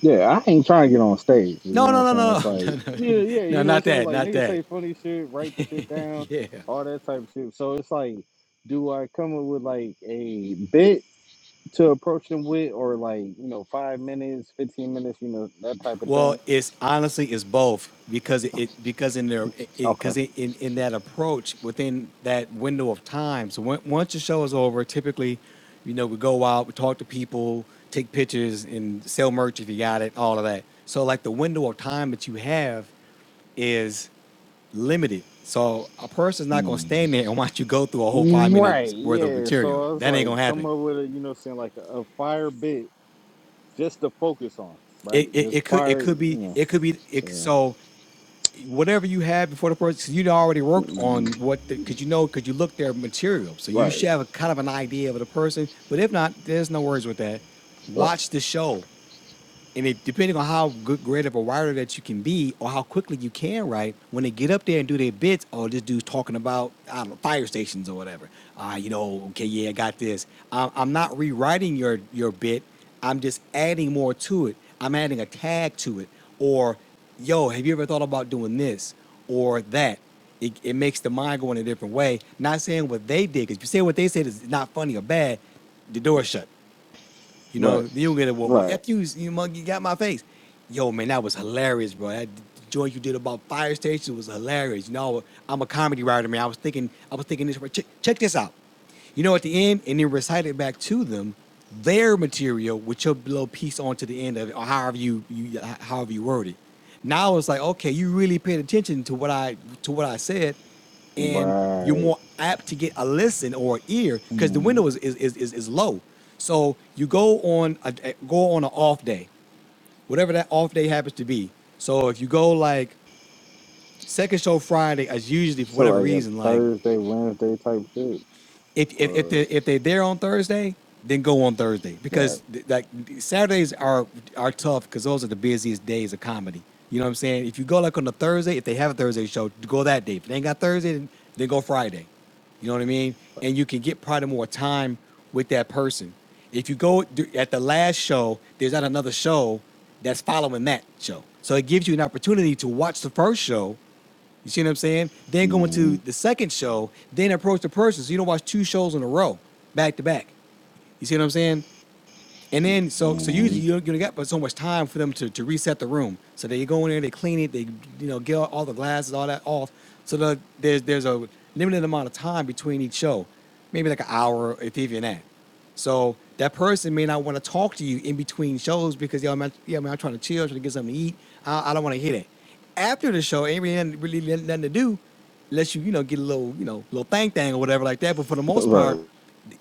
[SPEAKER 1] yeah, I ain't trying to get on stage. You
[SPEAKER 6] No,
[SPEAKER 1] know what I'm
[SPEAKER 6] no, no,
[SPEAKER 1] saying? It's
[SPEAKER 6] no, no,
[SPEAKER 1] like,
[SPEAKER 6] no, no,
[SPEAKER 1] yeah, yeah, you
[SPEAKER 6] no,
[SPEAKER 1] know what I'm
[SPEAKER 6] not
[SPEAKER 1] saying?
[SPEAKER 6] that,
[SPEAKER 1] Like,
[SPEAKER 6] not
[SPEAKER 1] niggas
[SPEAKER 6] that.
[SPEAKER 1] say funny shit, write the shit down,
[SPEAKER 6] Yeah,
[SPEAKER 1] all that type of shit. So it's like, do I come up with like a bit to approach them with, or like you know, five minutes, fifteen minutes, you know, that type of
[SPEAKER 6] Well,
[SPEAKER 1] thing.
[SPEAKER 6] it's honestly it's both because it because in their
[SPEAKER 1] Okay.
[SPEAKER 6] because it, in in that approach within that window of time. So when, once the show is over, typically, you know, we go out, we talk to people, take pictures, and sell merch if you got it, all of that. So like the window of time that you have is limited. So a person's not gonna
[SPEAKER 1] Mm.
[SPEAKER 6] stand there and watch you go through a whole five
[SPEAKER 1] Right.
[SPEAKER 6] minutes worth of
[SPEAKER 1] Yeah.
[SPEAKER 6] material.
[SPEAKER 1] So I was
[SPEAKER 6] That ain't
[SPEAKER 1] like,
[SPEAKER 6] gonna
[SPEAKER 1] come
[SPEAKER 6] happen.
[SPEAKER 1] up with a, you know, saying like a, a fire bit just to focus on, right?
[SPEAKER 6] It, it,
[SPEAKER 1] Just
[SPEAKER 6] it could it
[SPEAKER 1] fire,
[SPEAKER 6] could
[SPEAKER 1] you
[SPEAKER 6] be
[SPEAKER 1] know.
[SPEAKER 6] it could be it,
[SPEAKER 1] So,
[SPEAKER 6] so whatever you had before the process, you'd already worked on
[SPEAKER 1] mm,
[SPEAKER 6] what, because you know, because you looked their material. So you
[SPEAKER 1] right.
[SPEAKER 6] should have a kind of an idea of the person. But if not, there's no worries with that.
[SPEAKER 1] Right.
[SPEAKER 6] Watch the show. And it, depending on how good great of a writer that you can be, or how quickly you can write, when they get up there and do their bits, oh, this dude's talking about I don't know fire stations or whatever. Ah, uh, you know, okay, yeah, I got this. I, I'm not rewriting your your bit. I'm just adding more to it. I'm adding a tag to it, or yo, have you ever thought about doing this or that? It, it makes the mind go in a different way. Not saying what they did, because if you say what they said is not funny or bad, the door shut. You know,
[SPEAKER 1] Right.
[SPEAKER 6] you do get it. Well, well,
[SPEAKER 1] Right.
[SPEAKER 6] F you, you monkey got my face. Yo, man, that was hilarious, bro. That joint you did about fire stations was hilarious. You know, I'm a comedy writer, man. I was thinking, I was thinking this. right, Check, check this out. You know, at the end, and then recite it back to them, their material with your little piece onto the end of it, or however you, you however you word it. Now it's like, okay, you really paid attention to what I to what I said and you're
[SPEAKER 1] Right.
[SPEAKER 6] more apt to get a listen or an ear because the
[SPEAKER 1] Mm.
[SPEAKER 6] window is is, is, is is low. So you go on a, a- go on an off day, whatever that off day happens to be. So if you go like second show Friday, as usually for
[SPEAKER 1] So
[SPEAKER 6] whatever
[SPEAKER 1] like a
[SPEAKER 6] reason, like
[SPEAKER 1] Thursday, Wednesday type shit,
[SPEAKER 6] if if if, they,
[SPEAKER 1] or
[SPEAKER 6] if they're there on Thursday, then go on Thursday
[SPEAKER 1] right.
[SPEAKER 6] because like Saturdays are are tough because those are the busiest days of comedy. You know what I'm saying? If you go like on a Thursday, if they have a Thursday show, go that day. If they ain't got Thursday, then, then go Friday. You know what I mean? And you can get probably more time with that person. If you go d- at the last show, there's not another show that's following that show. So it gives you an opportunity to watch the first show you see what I'm saying? Then go into
[SPEAKER 1] Mm.
[SPEAKER 6] the second show, then approach the person. So you don't watch two shows in a row, back to back. You see what I'm saying? And then so so usually
[SPEAKER 1] Mm.
[SPEAKER 6] you don't you don't got but so much time for them to, to reset the room. So they go in there, they clean it, they you know get all, all the glasses, all that off. So the, there's there's a limited amount of time between each show, maybe like an hour if even that. So that person may not want to talk to you in between shows because yo, man, yeah, man, I'm trying to chill, trying to get something to eat. I, I don't want to hear that. After the show, ain't really nothing, really nothing to do unless you you know get a little you know little thang thang or whatever like that. But for the most part,
[SPEAKER 1] Right.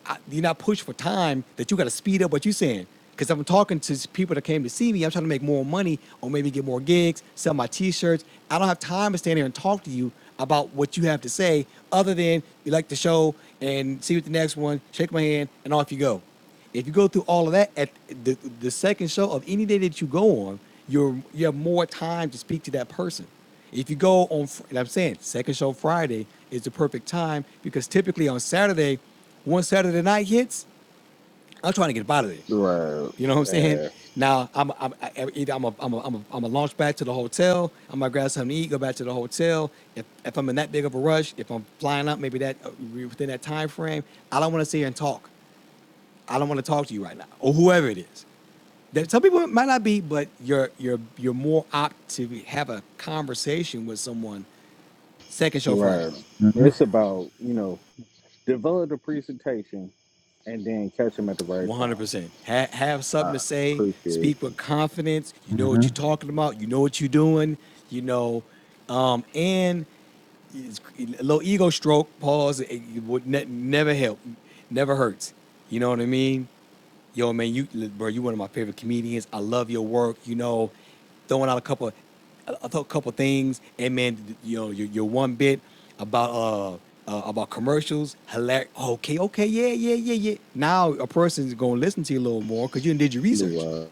[SPEAKER 6] I, you're not pushed for time that you got to speed up what you're saying. Because I'm talking to people that came to see me, I'm trying to make more money or maybe get more gigs, sell my T-shirts. I don't have time to stand here and talk to you about what you have to say, other than you like the show and see you at the next one, shake my hand, and off you go. If you go through all of that at the, the second show of any day that you go on, you're you have more time to speak to that person. If you go on, like I'm saying, second show Friday is the perfect time because typically on Saturday, once Saturday night hits, I'm trying to get up out of there.
[SPEAKER 1] Right.
[SPEAKER 6] You know what I'm saying?
[SPEAKER 1] yeah.
[SPEAKER 6] Now I'm I'm I, either I'm a, I'm a, I'm a, I'm a launch back to the hotel. I'm gonna grab something to eat, go back to the hotel. If if I'm in that big of a rush, if I'm flying up, maybe that uh, within that time frame, I don't want to sit here and talk. I don't want to talk to you right now, or whoever it is. There, some people it might not be, but you're you're you're more apt to have a conversation with someone Second show Friday.
[SPEAKER 1] Right.
[SPEAKER 10] hmm
[SPEAKER 1] It's about, you know, develop the presentation and then catch them at the right time.
[SPEAKER 6] 100%. Ha- have something to
[SPEAKER 1] I
[SPEAKER 6] say.
[SPEAKER 1] appreciate
[SPEAKER 6] Speak
[SPEAKER 1] you.
[SPEAKER 6] with confidence. You know what
[SPEAKER 10] hmm
[SPEAKER 6] you're talking about. You know what you're doing. You know, um, and it's, a little ego stroke, pause, it, would ne- never help. Never hurts. You know what I mean? yo, man, you, bro, you one of my favorite comedians. I love your work. You know, throwing out a couple, a, a couple things, and man, you know, your, your one bit about uh, uh about commercials, hilarious. Okay, okay, yeah, yeah, yeah, yeah. Now a person's gonna listen to you a little more because you done did your research.
[SPEAKER 1] You,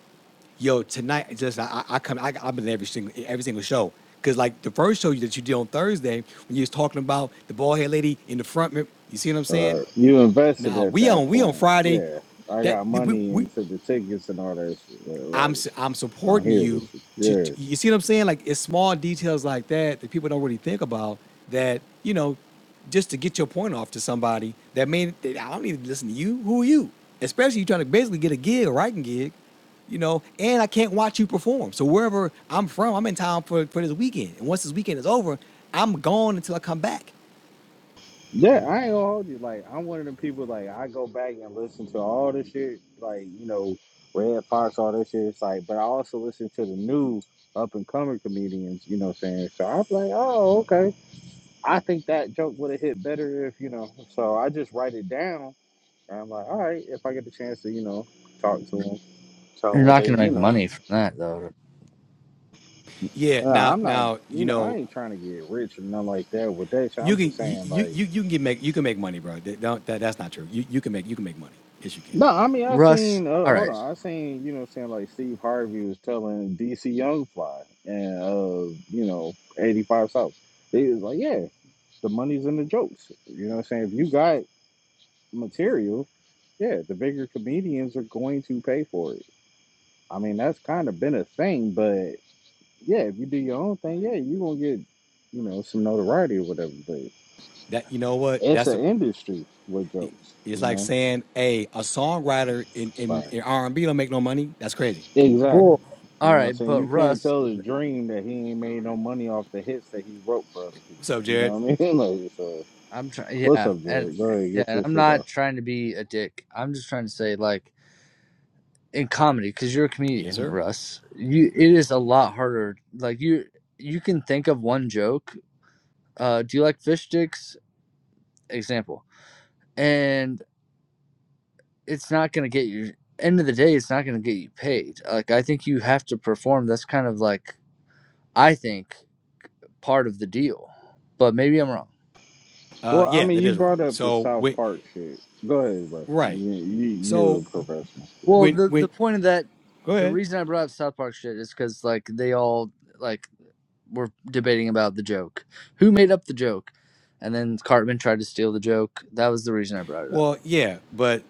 [SPEAKER 6] Yo, tonight, just I, I I come, I, I've been to every single, every single show. Cause like the first show that you did on Thursday, when you was talking about the bald head lady in the front, you see what I'm
[SPEAKER 1] uh,
[SPEAKER 6] saying?
[SPEAKER 1] uh, you invested
[SPEAKER 6] Now
[SPEAKER 1] at
[SPEAKER 6] we
[SPEAKER 1] that
[SPEAKER 6] on we on
[SPEAKER 1] point.
[SPEAKER 6] Friday.
[SPEAKER 1] Yeah. I
[SPEAKER 6] That
[SPEAKER 1] got
[SPEAKER 6] we,
[SPEAKER 1] money
[SPEAKER 6] we
[SPEAKER 1] into the tickets and all that shit. but,
[SPEAKER 6] I'm
[SPEAKER 1] Like,
[SPEAKER 6] s- I'm
[SPEAKER 1] I'm
[SPEAKER 6] supporting
[SPEAKER 1] here with
[SPEAKER 6] you.
[SPEAKER 1] you.
[SPEAKER 6] To, to-
[SPEAKER 1] Yeah.
[SPEAKER 6] you see what I'm saying? Like it's small details like that that people don't really think about. That you know, just to get your point off to somebody that may that I don't need to listen to you. Who are you? Especially you trying to basically get a gig, a writing gig, you know. And I can't watch you perform. So wherever I'm from, I'm in town for for this weekend. And once this weekend is over, I'm gone until I come back.
[SPEAKER 1] Yeah, I ain't gonna hold you. Like, I'm one of the people, like, I go back and listen to all this shit, like, you know, Red Fox, all that shit. It's like, but I also listen to the new up and coming comedians, you know what I'm saying? So I'm like, oh, okay. I think that joke would have hit better if, you know, so I just write it down. And I'm like, all right, if I get the chance to, you know, talk to them, tell them
[SPEAKER 10] You're
[SPEAKER 1] what
[SPEAKER 10] not
[SPEAKER 1] they,
[SPEAKER 10] gonna
[SPEAKER 1] you
[SPEAKER 10] make
[SPEAKER 1] know,
[SPEAKER 10] money from that though,
[SPEAKER 6] Yeah.
[SPEAKER 1] Uh,
[SPEAKER 6] Now
[SPEAKER 1] I'm not,
[SPEAKER 6] now you
[SPEAKER 1] you know, I
[SPEAKER 6] know
[SPEAKER 1] ain't trying to get rich or nothing like that with that shit.
[SPEAKER 6] you
[SPEAKER 1] I'm
[SPEAKER 6] can
[SPEAKER 1] just
[SPEAKER 6] you
[SPEAKER 1] saying,
[SPEAKER 6] you,
[SPEAKER 1] like,
[SPEAKER 6] you you can get make you can make money, bro. That, don't- that that's not true. You you can make you can make money. Yes, you can.
[SPEAKER 1] no, I mean, I
[SPEAKER 10] Russ.
[SPEAKER 1] seen, uh,
[SPEAKER 10] All
[SPEAKER 1] hold
[SPEAKER 10] right,
[SPEAKER 1] on, I seen, you know, what I'm saying like Steve Harvey was telling DC Young Fly and, uh, you know, 85 South. He was like, yeah, the money's in the jokes. You know what I'm saying? If you got material, yeah, the bigger comedians are going to pay for it I mean, that's kind of been a thing, but yeah, if you do your own thing, yeah, you gonna get, you know, some notoriety or whatever. But
[SPEAKER 6] That you know what?
[SPEAKER 1] it's
[SPEAKER 6] That's a.
[SPEAKER 1] an industry with jokes,
[SPEAKER 6] It's
[SPEAKER 1] you
[SPEAKER 6] like
[SPEAKER 1] know.
[SPEAKER 6] saying, "Hey, a songwriter in in,
[SPEAKER 1] Like,
[SPEAKER 6] in R and B don't make no money." That's crazy.
[SPEAKER 10] bull.
[SPEAKER 1] exactly. You
[SPEAKER 10] All
[SPEAKER 1] know what I'm
[SPEAKER 10] right,
[SPEAKER 1] saying?
[SPEAKER 10] but
[SPEAKER 1] You can't
[SPEAKER 10] Russ,
[SPEAKER 1] tell the dream that he ain't made no money off the hits that he wrote for other
[SPEAKER 6] What's
[SPEAKER 1] people.
[SPEAKER 6] up,
[SPEAKER 1] You
[SPEAKER 6] Jared?
[SPEAKER 1] know what I mean? like, so
[SPEAKER 10] I'm trying.
[SPEAKER 1] what's
[SPEAKER 10] Yeah,
[SPEAKER 1] up,
[SPEAKER 10] and
[SPEAKER 1] Jared? Go ahead,
[SPEAKER 10] yeah,
[SPEAKER 1] get
[SPEAKER 10] and
[SPEAKER 1] your
[SPEAKER 10] I'm
[SPEAKER 1] shit
[SPEAKER 10] not
[SPEAKER 1] off.
[SPEAKER 10] trying to be a dick. I'm just trying to say like in comedy because you're a
[SPEAKER 6] Yes,
[SPEAKER 10] comedian,
[SPEAKER 6] sir.
[SPEAKER 10] Russ. You it is a lot harder. Like you you can think of one joke. Uh, do you like fish sticks? Example, and it's not gonna get you. End of the day, it's not gonna get you paid. Like I think you have to perform. That's kind of like I think. part of the deal. But maybe I'm wrong.
[SPEAKER 6] Uh,
[SPEAKER 1] Well, I
[SPEAKER 6] yeah,
[SPEAKER 1] mean,
[SPEAKER 6] that
[SPEAKER 1] you
[SPEAKER 6] is wrong.
[SPEAKER 1] brought up the
[SPEAKER 6] So
[SPEAKER 1] South
[SPEAKER 6] when,
[SPEAKER 1] Park shit. Go ahead, bro.
[SPEAKER 6] right?
[SPEAKER 1] You, you you're a
[SPEAKER 6] So
[SPEAKER 1] professional. Yeah.
[SPEAKER 10] Well,
[SPEAKER 6] when
[SPEAKER 10] the the
[SPEAKER 6] when
[SPEAKER 10] point of that,
[SPEAKER 6] go
[SPEAKER 10] the
[SPEAKER 6] ahead.
[SPEAKER 10] reason I brought up South Park shit is because like they all like were debating about the joke, who made up the joke, and then Cartman tried to steal the joke. That was the reason I brought it up.
[SPEAKER 6] Well, yeah, but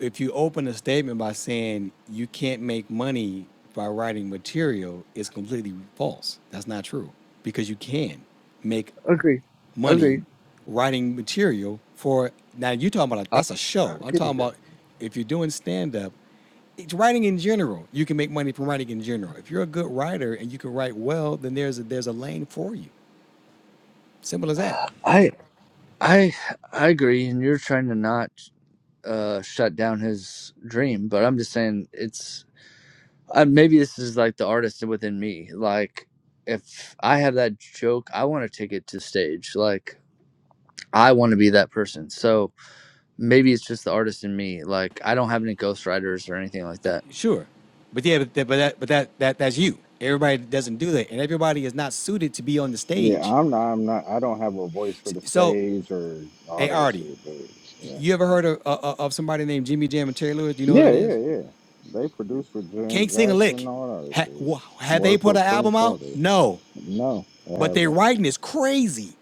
[SPEAKER 6] if you open a statement by saying you can't make money by writing material, it's completely false. That's not true because you can make
[SPEAKER 10] Agreed.
[SPEAKER 6] money
[SPEAKER 10] Agreed.
[SPEAKER 6] writing material for now you're talking about a,
[SPEAKER 10] I,
[SPEAKER 6] that's a
[SPEAKER 10] I
[SPEAKER 6] show i'm
[SPEAKER 10] could do
[SPEAKER 6] talking
[SPEAKER 10] that.
[SPEAKER 6] about if you're doing stand-up it's writing in general you can make money from writing in general if you're a good writer and you can write well then there's a, there's a lane for you simple as that
[SPEAKER 10] I I I agree, and you're trying to not uh shut down his dream, but I'm just saying it's uh, maybe this is like the artist within me. Like, if I have that joke, I want to take it to stage. Like, I want to be that person. So maybe it's just the artist in me. Like, I don't have any ghostwriters or anything like that.
[SPEAKER 6] sure but yeah but, that- but that but that, that that's you everybody doesn't do that and everybody is not suited to be on the
[SPEAKER 1] Yeah,
[SPEAKER 6] stage
[SPEAKER 1] I'm not. I'm not. I don't have a voice for the
[SPEAKER 6] so
[SPEAKER 1] stage or all
[SPEAKER 6] hey
[SPEAKER 1] that
[SPEAKER 6] artie
[SPEAKER 1] shit. But yeah,
[SPEAKER 6] you ever heard of, of, of somebody named jimmy jam and terry lewis do you know who
[SPEAKER 1] yeah,
[SPEAKER 6] that is
[SPEAKER 1] yeah, yeah. They produced for Jan
[SPEAKER 6] can't sing a
[SPEAKER 1] Jackson, and
[SPEAKER 6] lick
[SPEAKER 1] all that
[SPEAKER 6] Ha-
[SPEAKER 1] shit.
[SPEAKER 6] have they
[SPEAKER 1] Work
[SPEAKER 6] put an
[SPEAKER 1] with
[SPEAKER 6] album
[SPEAKER 1] Prince, all
[SPEAKER 6] out?
[SPEAKER 1] that.
[SPEAKER 6] No.
[SPEAKER 1] No, they
[SPEAKER 6] but their
[SPEAKER 1] haven't.
[SPEAKER 6] writing is crazy.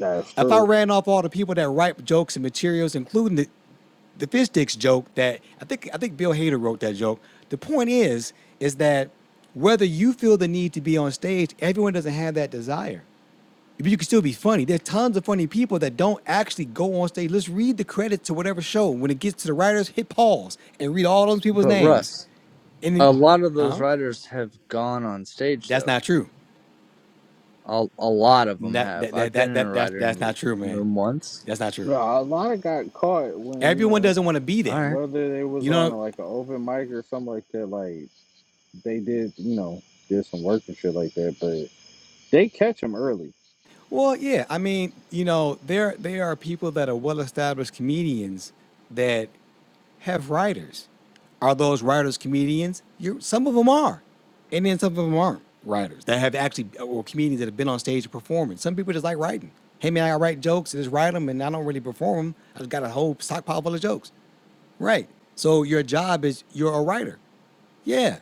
[SPEAKER 1] That's
[SPEAKER 6] If I
[SPEAKER 1] true.
[SPEAKER 6] ran off all the people that write jokes and materials, including the, the fish dicks joke that I think I think Bill Hader wrote that joke. The point is, is that whether you feel the need to be on stage, everyone doesn't have that desire. But you can still be funny. There's tons of funny people that don't actually go on stage. Let's read the credits to whatever show. When it gets to the writers, hit pause and read all those people's
[SPEAKER 10] But
[SPEAKER 6] names.
[SPEAKER 10] Russ,
[SPEAKER 6] And then,
[SPEAKER 10] a lot of those
[SPEAKER 6] huh?
[SPEAKER 10] writers have gone on stage,
[SPEAKER 6] That's
[SPEAKER 10] though.
[SPEAKER 6] not true.
[SPEAKER 10] A, a lot of them
[SPEAKER 6] That,
[SPEAKER 10] have.
[SPEAKER 6] that, that,
[SPEAKER 10] I've been
[SPEAKER 6] that,
[SPEAKER 10] in a
[SPEAKER 6] that, that's, that's
[SPEAKER 10] writing
[SPEAKER 6] not true, man.
[SPEAKER 10] room once.
[SPEAKER 6] That's not true.
[SPEAKER 1] No, a lot of got caught when you
[SPEAKER 6] everyone
[SPEAKER 1] know
[SPEAKER 6] doesn't want to be
[SPEAKER 10] All
[SPEAKER 6] that
[SPEAKER 10] right.
[SPEAKER 1] whether they was
[SPEAKER 6] you
[SPEAKER 1] on
[SPEAKER 6] know
[SPEAKER 1] like an open mic or something like that. Like they did, you know, did some work and shit like that. But they catch them early.
[SPEAKER 6] well yeah i mean you know there there are people that are well-established comedians that have writers are those writers comedians you some of them are and then some of them aren't writers that have actually or comedians that have been on stage performing some people just like writing hey man i write jokes and just write them and i don't really perform them i just got a whole stockpile full of jokes right so your job is you're a writer Yeah.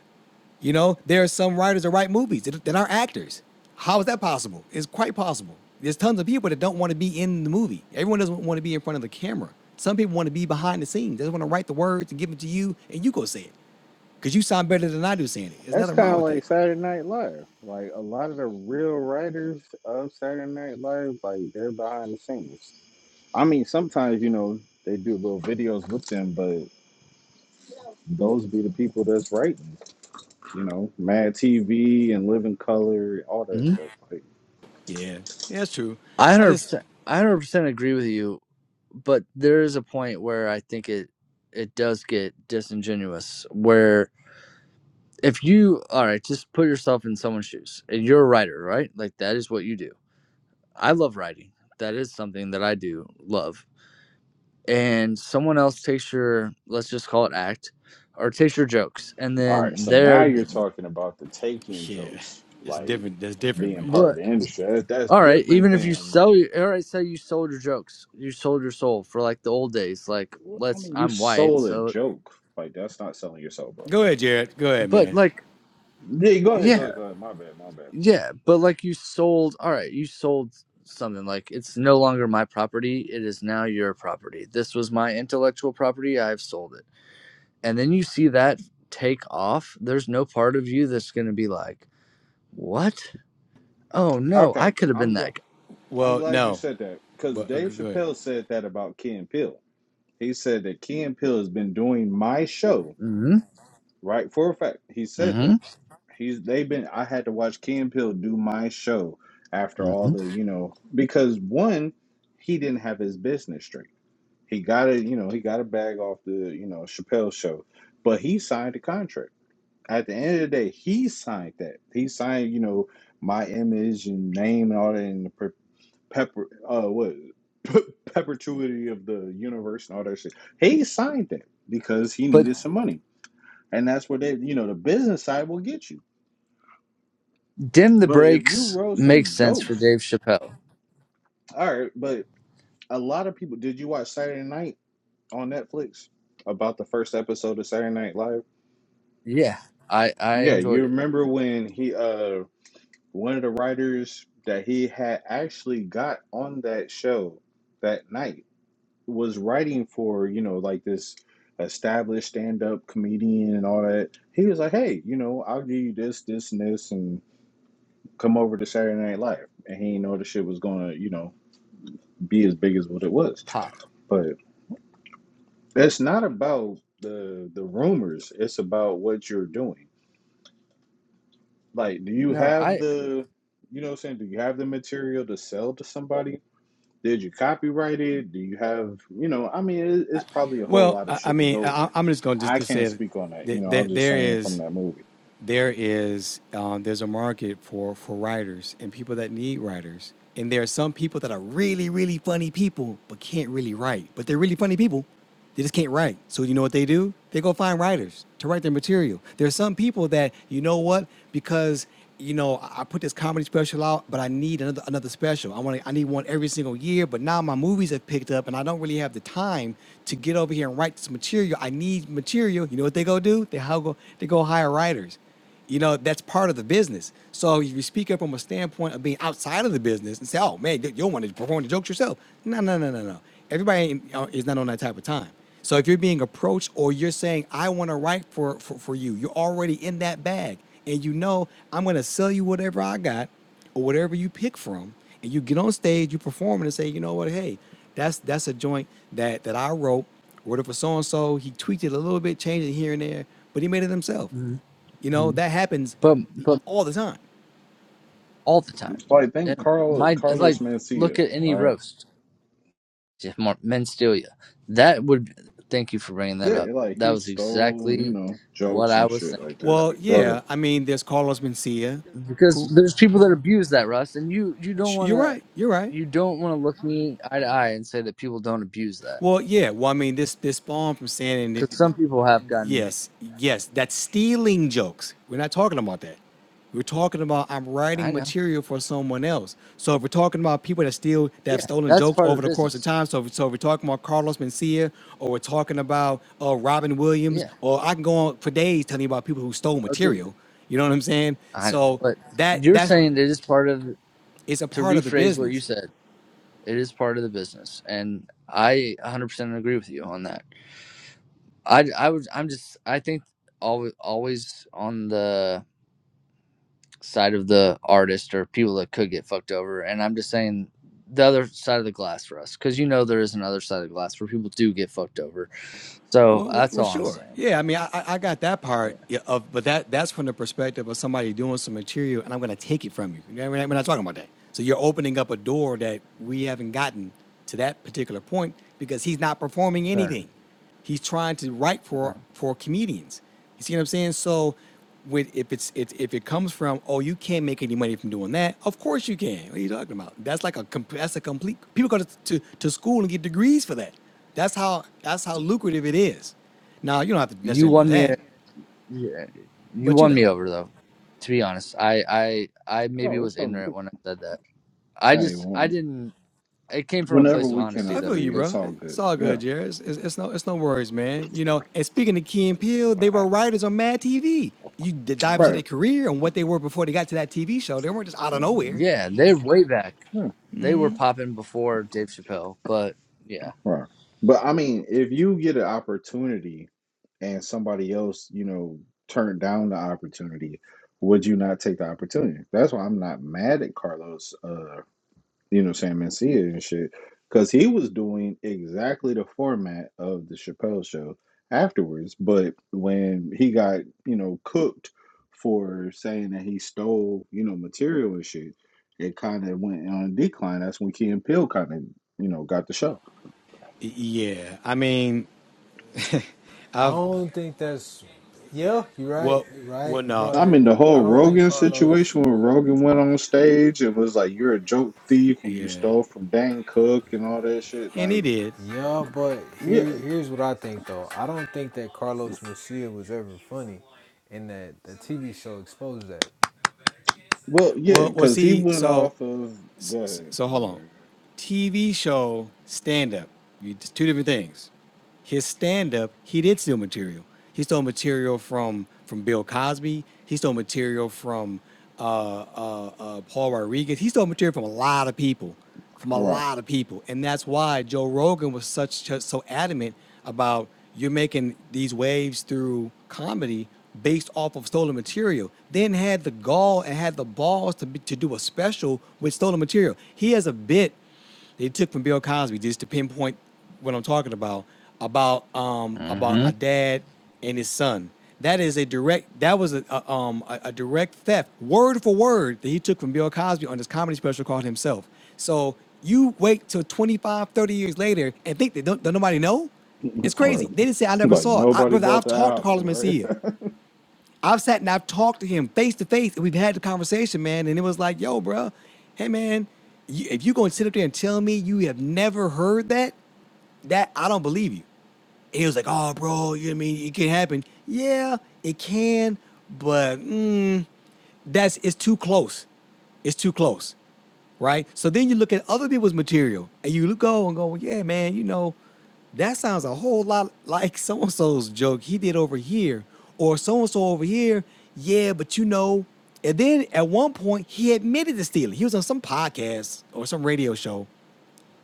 [SPEAKER 6] You know, there are some writers that write movies that, that aren't actors. How is that possible? It's quite possible. There's tons of people that don't want to be in the movie. Everyone doesn't want to be in front of the camera. Some people want to be behind the scenes. They just want to write the words and give them to you, and you go say it because you sound better than I do saying it. There's
[SPEAKER 1] That's
[SPEAKER 6] nothing
[SPEAKER 1] kind
[SPEAKER 6] wrong
[SPEAKER 1] of
[SPEAKER 6] with that.
[SPEAKER 1] like Saturday Night Live. Like a lot of the real writers of Saturday Night Live, like they're behind the scenes. I mean, sometimes you know they do little videos with them, but those be the people that's writing. You know, Mad TV and Living Color, all that stuff. Like,
[SPEAKER 6] Yeah, yeah, that's true.
[SPEAKER 10] I
[SPEAKER 6] I
[SPEAKER 10] hundred
[SPEAKER 6] just,
[SPEAKER 10] percent, I hundred percent agree with you, but there is a point where I think it it does get disingenuous. Where if you all right, just put yourself in someone's shoes, and you're a writer, right? Like that is what you do. I love writing. That is something that I do love. And someone else takes your let's just call it act, or takes your jokes, and
[SPEAKER 1] all
[SPEAKER 10] then
[SPEAKER 1] right, so now
[SPEAKER 10] they're
[SPEAKER 1] you're talking about the taking
[SPEAKER 6] yeah,
[SPEAKER 1] jokes,
[SPEAKER 6] that's
[SPEAKER 1] like
[SPEAKER 6] different. That's different,
[SPEAKER 1] being
[SPEAKER 6] man.
[SPEAKER 10] what
[SPEAKER 1] part of the industry. That- That's
[SPEAKER 10] All right,
[SPEAKER 1] different
[SPEAKER 10] even if you
[SPEAKER 1] than.
[SPEAKER 10] sell your, all right, say you sold your jokes, you sold your soul for like the old days. Like,
[SPEAKER 1] I
[SPEAKER 10] let's,
[SPEAKER 1] mean, you
[SPEAKER 10] I'm white,
[SPEAKER 1] sold a
[SPEAKER 10] so,
[SPEAKER 1] joke. Like that's not selling yourself, bro.
[SPEAKER 6] Go ahead, Jared. Go ahead,
[SPEAKER 10] but
[SPEAKER 6] man.
[SPEAKER 10] like,
[SPEAKER 1] Yeah, go ahead, go
[SPEAKER 10] yeah,
[SPEAKER 1] ahead, go ahead. My bad, my bad.
[SPEAKER 10] yeah, but like you sold, all right, you sold something. Like, it's no longer my property. It is now your property. This was my intellectual property. I've sold it. And then you see that take off. There's no part of you that's going to be like, what? Oh no,
[SPEAKER 1] Okay,
[SPEAKER 10] I could have been
[SPEAKER 1] I'm glad
[SPEAKER 10] that guy.
[SPEAKER 1] I'm
[SPEAKER 6] Well,
[SPEAKER 1] glad you
[SPEAKER 6] no,
[SPEAKER 1] said that because
[SPEAKER 6] but uh, go
[SPEAKER 1] Dave
[SPEAKER 6] ahead.
[SPEAKER 1] Chappelle said that about Key and Peele. He said that Key and Peele has been doing my show
[SPEAKER 10] Mm
[SPEAKER 1] right for a fact. He
[SPEAKER 10] hmm.
[SPEAKER 1] said
[SPEAKER 10] Mm
[SPEAKER 1] that he's they've been. I had to watch Key and Peele do my show
[SPEAKER 10] hmm.
[SPEAKER 1] after
[SPEAKER 10] Mm
[SPEAKER 1] all
[SPEAKER 10] hmm.
[SPEAKER 1] the you know because one he didn't have his business straight. He got a you know he got a bag off the you know Chappelle show, but he signed a contract. At the end of the day, he signed that. He signed you know my image and name and all that and pepper uh what perpetuity of the universe and all that shit. He signed it because he
[SPEAKER 10] But
[SPEAKER 1] needed some money. And that's where they you know the business side will get you.
[SPEAKER 10] Dim the
[SPEAKER 1] But if you
[SPEAKER 10] Brakes
[SPEAKER 1] wrote some
[SPEAKER 10] makes sense for
[SPEAKER 1] jokes,
[SPEAKER 10] Dave Chappelle.
[SPEAKER 1] all right, but a lot of people did you watch Saturday night on Netflix about the first episode of Saturday Night Live?
[SPEAKER 10] Yeah, I I
[SPEAKER 1] Yeah, you
[SPEAKER 10] enjoyed it.
[SPEAKER 1] remember when he uh one of the writers that he had actually got on that show that night was writing for you know like this established stand-up comedian and all that he was like hey you know i'll give you this this and this and come over to saturday night live and he didn't know the shit was gonna you know be as big as what it was
[SPEAKER 10] Pop.
[SPEAKER 1] but it's not about the the rumors it's about what you're doing like do you
[SPEAKER 10] No,
[SPEAKER 1] have
[SPEAKER 10] I.
[SPEAKER 1] the you know what i'm saying do you have the material to sell to somebody did you copyright it do you have you know i mean it, it's probably a whole
[SPEAKER 6] Well,
[SPEAKER 1] lot of
[SPEAKER 6] I, I
[SPEAKER 1] shit to
[SPEAKER 6] mean,
[SPEAKER 1] go
[SPEAKER 6] I, I'm just gonna just,
[SPEAKER 1] I
[SPEAKER 6] just
[SPEAKER 1] can't
[SPEAKER 6] say
[SPEAKER 1] speak on that. You
[SPEAKER 6] that
[SPEAKER 1] know,
[SPEAKER 6] there,
[SPEAKER 1] I'm just
[SPEAKER 6] there
[SPEAKER 1] saying
[SPEAKER 6] is
[SPEAKER 1] from that movie.
[SPEAKER 6] there is um, there's a market for for writers and people that need writers. And there are some people that are really really funny people but can't really write, but they're really funny people. They just can't write. So you know what they do? They go find writers to write their material. There's some people that you know what because you know I put this comedy special out, but I need another another special. I want to. I need one every single year, but now my movies have picked up, and I don't really have the time to get over here and write this material. I need material. You know what they go do? They how go they go hire writers. You know, that's part of the business. So if you speak up from a standpoint of being outside of the business and say, oh man, you don't want to perform the jokes yourself. No, no, no, no, no. Everybody ain't- uh, is not on that type of time. So if you're being approached or you're saying, I want to write for, for, for you, you're already in that bag. And you know, I'm going to sell you whatever I got or whatever you pick from, and you get on stage, you perform, and say, you know what, hey, that's that's a joint that that I wrote. Wrote it for so and so. He tweaked it a little bit, changed it here and there, but he made it himself.
[SPEAKER 10] Mhm.
[SPEAKER 6] You know, that happens
[SPEAKER 10] But but
[SPEAKER 6] all the time.
[SPEAKER 10] all the time.
[SPEAKER 1] Like, think
[SPEAKER 10] And
[SPEAKER 1] Carl
[SPEAKER 10] my like
[SPEAKER 1] Carlos
[SPEAKER 10] look
[SPEAKER 1] Mencia,
[SPEAKER 10] at any
[SPEAKER 1] right?
[SPEAKER 10] roast. Just more men steal you. That would. Thank you for bringing that
[SPEAKER 1] Yeah,
[SPEAKER 10] up.
[SPEAKER 1] like
[SPEAKER 10] That
[SPEAKER 1] he
[SPEAKER 10] was
[SPEAKER 1] stole, you
[SPEAKER 10] exactly
[SPEAKER 1] know,
[SPEAKER 10] what
[SPEAKER 1] jokes
[SPEAKER 10] I
[SPEAKER 1] and
[SPEAKER 10] was
[SPEAKER 1] shit like
[SPEAKER 10] thinking
[SPEAKER 1] that.
[SPEAKER 10] though.
[SPEAKER 6] Well,
[SPEAKER 1] But go ahead.
[SPEAKER 6] yeah. I mean, there's Carlos Mencia,
[SPEAKER 10] Because
[SPEAKER 6] who
[SPEAKER 10] there's people that abuse that Russ, and you you don't
[SPEAKER 6] sh-
[SPEAKER 10] want
[SPEAKER 6] you're
[SPEAKER 10] to.
[SPEAKER 6] right. You're right.
[SPEAKER 10] You don't want to look me eye to eye and say that people don't abuse that.
[SPEAKER 6] Well, yeah. Well, I mean, this this spawn from saying
[SPEAKER 10] Because
[SPEAKER 6] that
[SPEAKER 10] some people have gotten.
[SPEAKER 6] Yes, yes, that's stealing jokes. We're not talking about that. We're talking about I'm
[SPEAKER 10] I
[SPEAKER 6] writing
[SPEAKER 10] know.
[SPEAKER 6] material for someone else. So if we're talking about people that steal that have
[SPEAKER 10] Yeah,
[SPEAKER 6] stolen
[SPEAKER 10] that's
[SPEAKER 6] jokes
[SPEAKER 10] part
[SPEAKER 6] over
[SPEAKER 10] of the
[SPEAKER 6] the course of
[SPEAKER 10] business.
[SPEAKER 6] time, so if, so if we're talking about Carlos Mencia, or we're talking about uh, Robin Williams,
[SPEAKER 10] Yeah,
[SPEAKER 6] or I can go on for days telling you about people who stole
[SPEAKER 10] agreed.
[SPEAKER 6] material. You know what I'm saying?
[SPEAKER 10] I know,
[SPEAKER 6] So
[SPEAKER 10] but
[SPEAKER 6] that
[SPEAKER 10] you're
[SPEAKER 6] that's
[SPEAKER 10] saying that it's part of.
[SPEAKER 6] it's a
[SPEAKER 10] To
[SPEAKER 6] part of the
[SPEAKER 10] rephrase what you
[SPEAKER 6] business.
[SPEAKER 10] said, it is part of the business, and I 100% agree with you on that. I I was I'm just I think always always on the side of the artist or people that could get fucked over, and I'm just saying the other side of the glass for us because you know there is another side of the glass where people do get fucked over. So
[SPEAKER 6] Well, well,
[SPEAKER 10] that's
[SPEAKER 6] well,
[SPEAKER 10] all I'm
[SPEAKER 6] sure.
[SPEAKER 10] saying.
[SPEAKER 6] Yeah, I mean, I, I- got that
[SPEAKER 10] Yeah,
[SPEAKER 6] part yeah, of, but that that's from the perspective of somebody doing some material, and I'm going to take it from you. You know, We're not, we're not talking about that. So you're opening up a door that we haven't gotten to that particular point because he's not performing
[SPEAKER 10] fair
[SPEAKER 6] anything he's trying to write for
[SPEAKER 10] enough.
[SPEAKER 6] for comedians. You see what I'm saying? So with if it's it, if it comes from oh you can't make any money from doing that, of course you can. What are you talking about? That's like a that's a complete people go to, to to school and get degrees for that. That's how that's how lucrative it is. Now you don't have to
[SPEAKER 10] You
[SPEAKER 6] necessarily do
[SPEAKER 10] won me.
[SPEAKER 6] that,
[SPEAKER 10] Yeah, you
[SPEAKER 6] but you
[SPEAKER 10] won me
[SPEAKER 6] know.
[SPEAKER 10] over though. To be honest, I I I maybe
[SPEAKER 1] Oh,
[SPEAKER 10] was
[SPEAKER 1] it's all
[SPEAKER 10] ignorant
[SPEAKER 1] good.
[SPEAKER 10] when I said that. I
[SPEAKER 1] Hey,
[SPEAKER 10] just I
[SPEAKER 1] when-
[SPEAKER 10] didn't. It came from a
[SPEAKER 1] whenever
[SPEAKER 10] place of
[SPEAKER 1] we can
[SPEAKER 10] honesty
[SPEAKER 6] I
[SPEAKER 10] though.
[SPEAKER 6] feel
[SPEAKER 1] agree,
[SPEAKER 6] you,
[SPEAKER 10] It-
[SPEAKER 1] it's
[SPEAKER 6] bro.
[SPEAKER 1] all
[SPEAKER 6] It's
[SPEAKER 1] good.
[SPEAKER 6] all
[SPEAKER 1] Yeah,
[SPEAKER 6] good, Jared. It's, it's, it's no, it's no worries, man. You know. And speaking of Key and Peele, they
[SPEAKER 10] I-
[SPEAKER 6] were writers on Mad TV. You d- dive into their
[SPEAKER 1] right.
[SPEAKER 6] career and what they were before they got to that TV show. They weren't just out of
[SPEAKER 1] Mhm.
[SPEAKER 6] nowhere.
[SPEAKER 10] yeah, they're way back.
[SPEAKER 1] Yeah,
[SPEAKER 10] They were popping before Dave Chappelle, but yeah.
[SPEAKER 1] right. But I mean, if you get an opportunity and somebody else, you know, turned down the opportunity, would you not take the opportunity? That's why I'm not mad at Carlos. Uh, you know, Sam Mencia and shit, because he was doing exactly the format of the Chappelle show afterwards. But when he got, you know, cooked for saying that he stole, you know, material and shit, it kind of went on decline. That's when Key and Peele kind of, you know, got the show.
[SPEAKER 6] Yeah, I mean,
[SPEAKER 9] I
[SPEAKER 6] I've
[SPEAKER 9] don't think that's yeah, you're right,
[SPEAKER 6] well,
[SPEAKER 9] you're right.
[SPEAKER 6] well, no,
[SPEAKER 1] I
[SPEAKER 9] But
[SPEAKER 1] mean, the
[SPEAKER 9] I
[SPEAKER 1] whole
[SPEAKER 9] don't think
[SPEAKER 1] Rogan
[SPEAKER 9] Carlos
[SPEAKER 1] situation when Rogan went on stage and was like, "You're a joke thief and you
[SPEAKER 6] yeah,
[SPEAKER 1] stole from Dan Cook and all that shit."
[SPEAKER 6] and he
[SPEAKER 1] Like,
[SPEAKER 6] did.
[SPEAKER 9] yeah, but
[SPEAKER 1] yeah.
[SPEAKER 9] here here's what I think though. I don't think that Carlos Mencia was ever funny and that the TV show exposed that.
[SPEAKER 1] Well, yeah,
[SPEAKER 6] Well, well,
[SPEAKER 1] because he
[SPEAKER 6] see,
[SPEAKER 1] went
[SPEAKER 6] so,
[SPEAKER 1] off of
[SPEAKER 6] s-
[SPEAKER 1] go ahead,
[SPEAKER 6] so
[SPEAKER 1] go
[SPEAKER 6] hold on.
[SPEAKER 1] ahead.
[SPEAKER 6] TV show stand up, you- it's two different things. his stand up, he did steal material. He stole material from from Bill Cosby. He stole material from uh, uh, uh, Paul Rodriguez. He stole material from a lot of people, from a
[SPEAKER 1] Right.
[SPEAKER 6] lot of people, and that's why Joe Rogan was such such so adamant about you're making these waves through comedy based off of stolen material. Then had the gall and had the balls to be, to do a special with stolen material. He has a bit they took from Bill Cosby just to pinpoint what I'm talking about about um about
[SPEAKER 10] hmm
[SPEAKER 6] a dad and his son. That is a direct. That was a, a um a, a direct theft, word for word, that he took from Bill Cosby on his comedy special called himself. So you wait till 25, 30 years later and think that don't, don't nobody know? It's
[SPEAKER 1] Right.
[SPEAKER 6] crazy. They didn't say I never
[SPEAKER 1] Like
[SPEAKER 6] saw it. I,
[SPEAKER 1] nobody
[SPEAKER 6] brother,
[SPEAKER 1] bought
[SPEAKER 6] I've
[SPEAKER 1] the
[SPEAKER 6] talked to
[SPEAKER 1] album,
[SPEAKER 6] Carlos
[SPEAKER 1] right?
[SPEAKER 6] Mencia. I've sat and I've talked to him face to face, and we've had the conversation, man. And it was like, yo, bro, hey, man, you, if you're gonna sit up there and tell me you have never heard that, that I don't believe you. And he was like, oh, bro, you know what I mean? It can happen. Yeah, it can, but mm, that's it's too close. It's too close right? So then you look at other people's material and you go and go, "Well, yeah, man, you know, that sounds a whole lot like so and so's joke he did over here, or so and so over here. Yeah, but you know, and then at one point he admitted to stealing. He was on some podcast or some radio show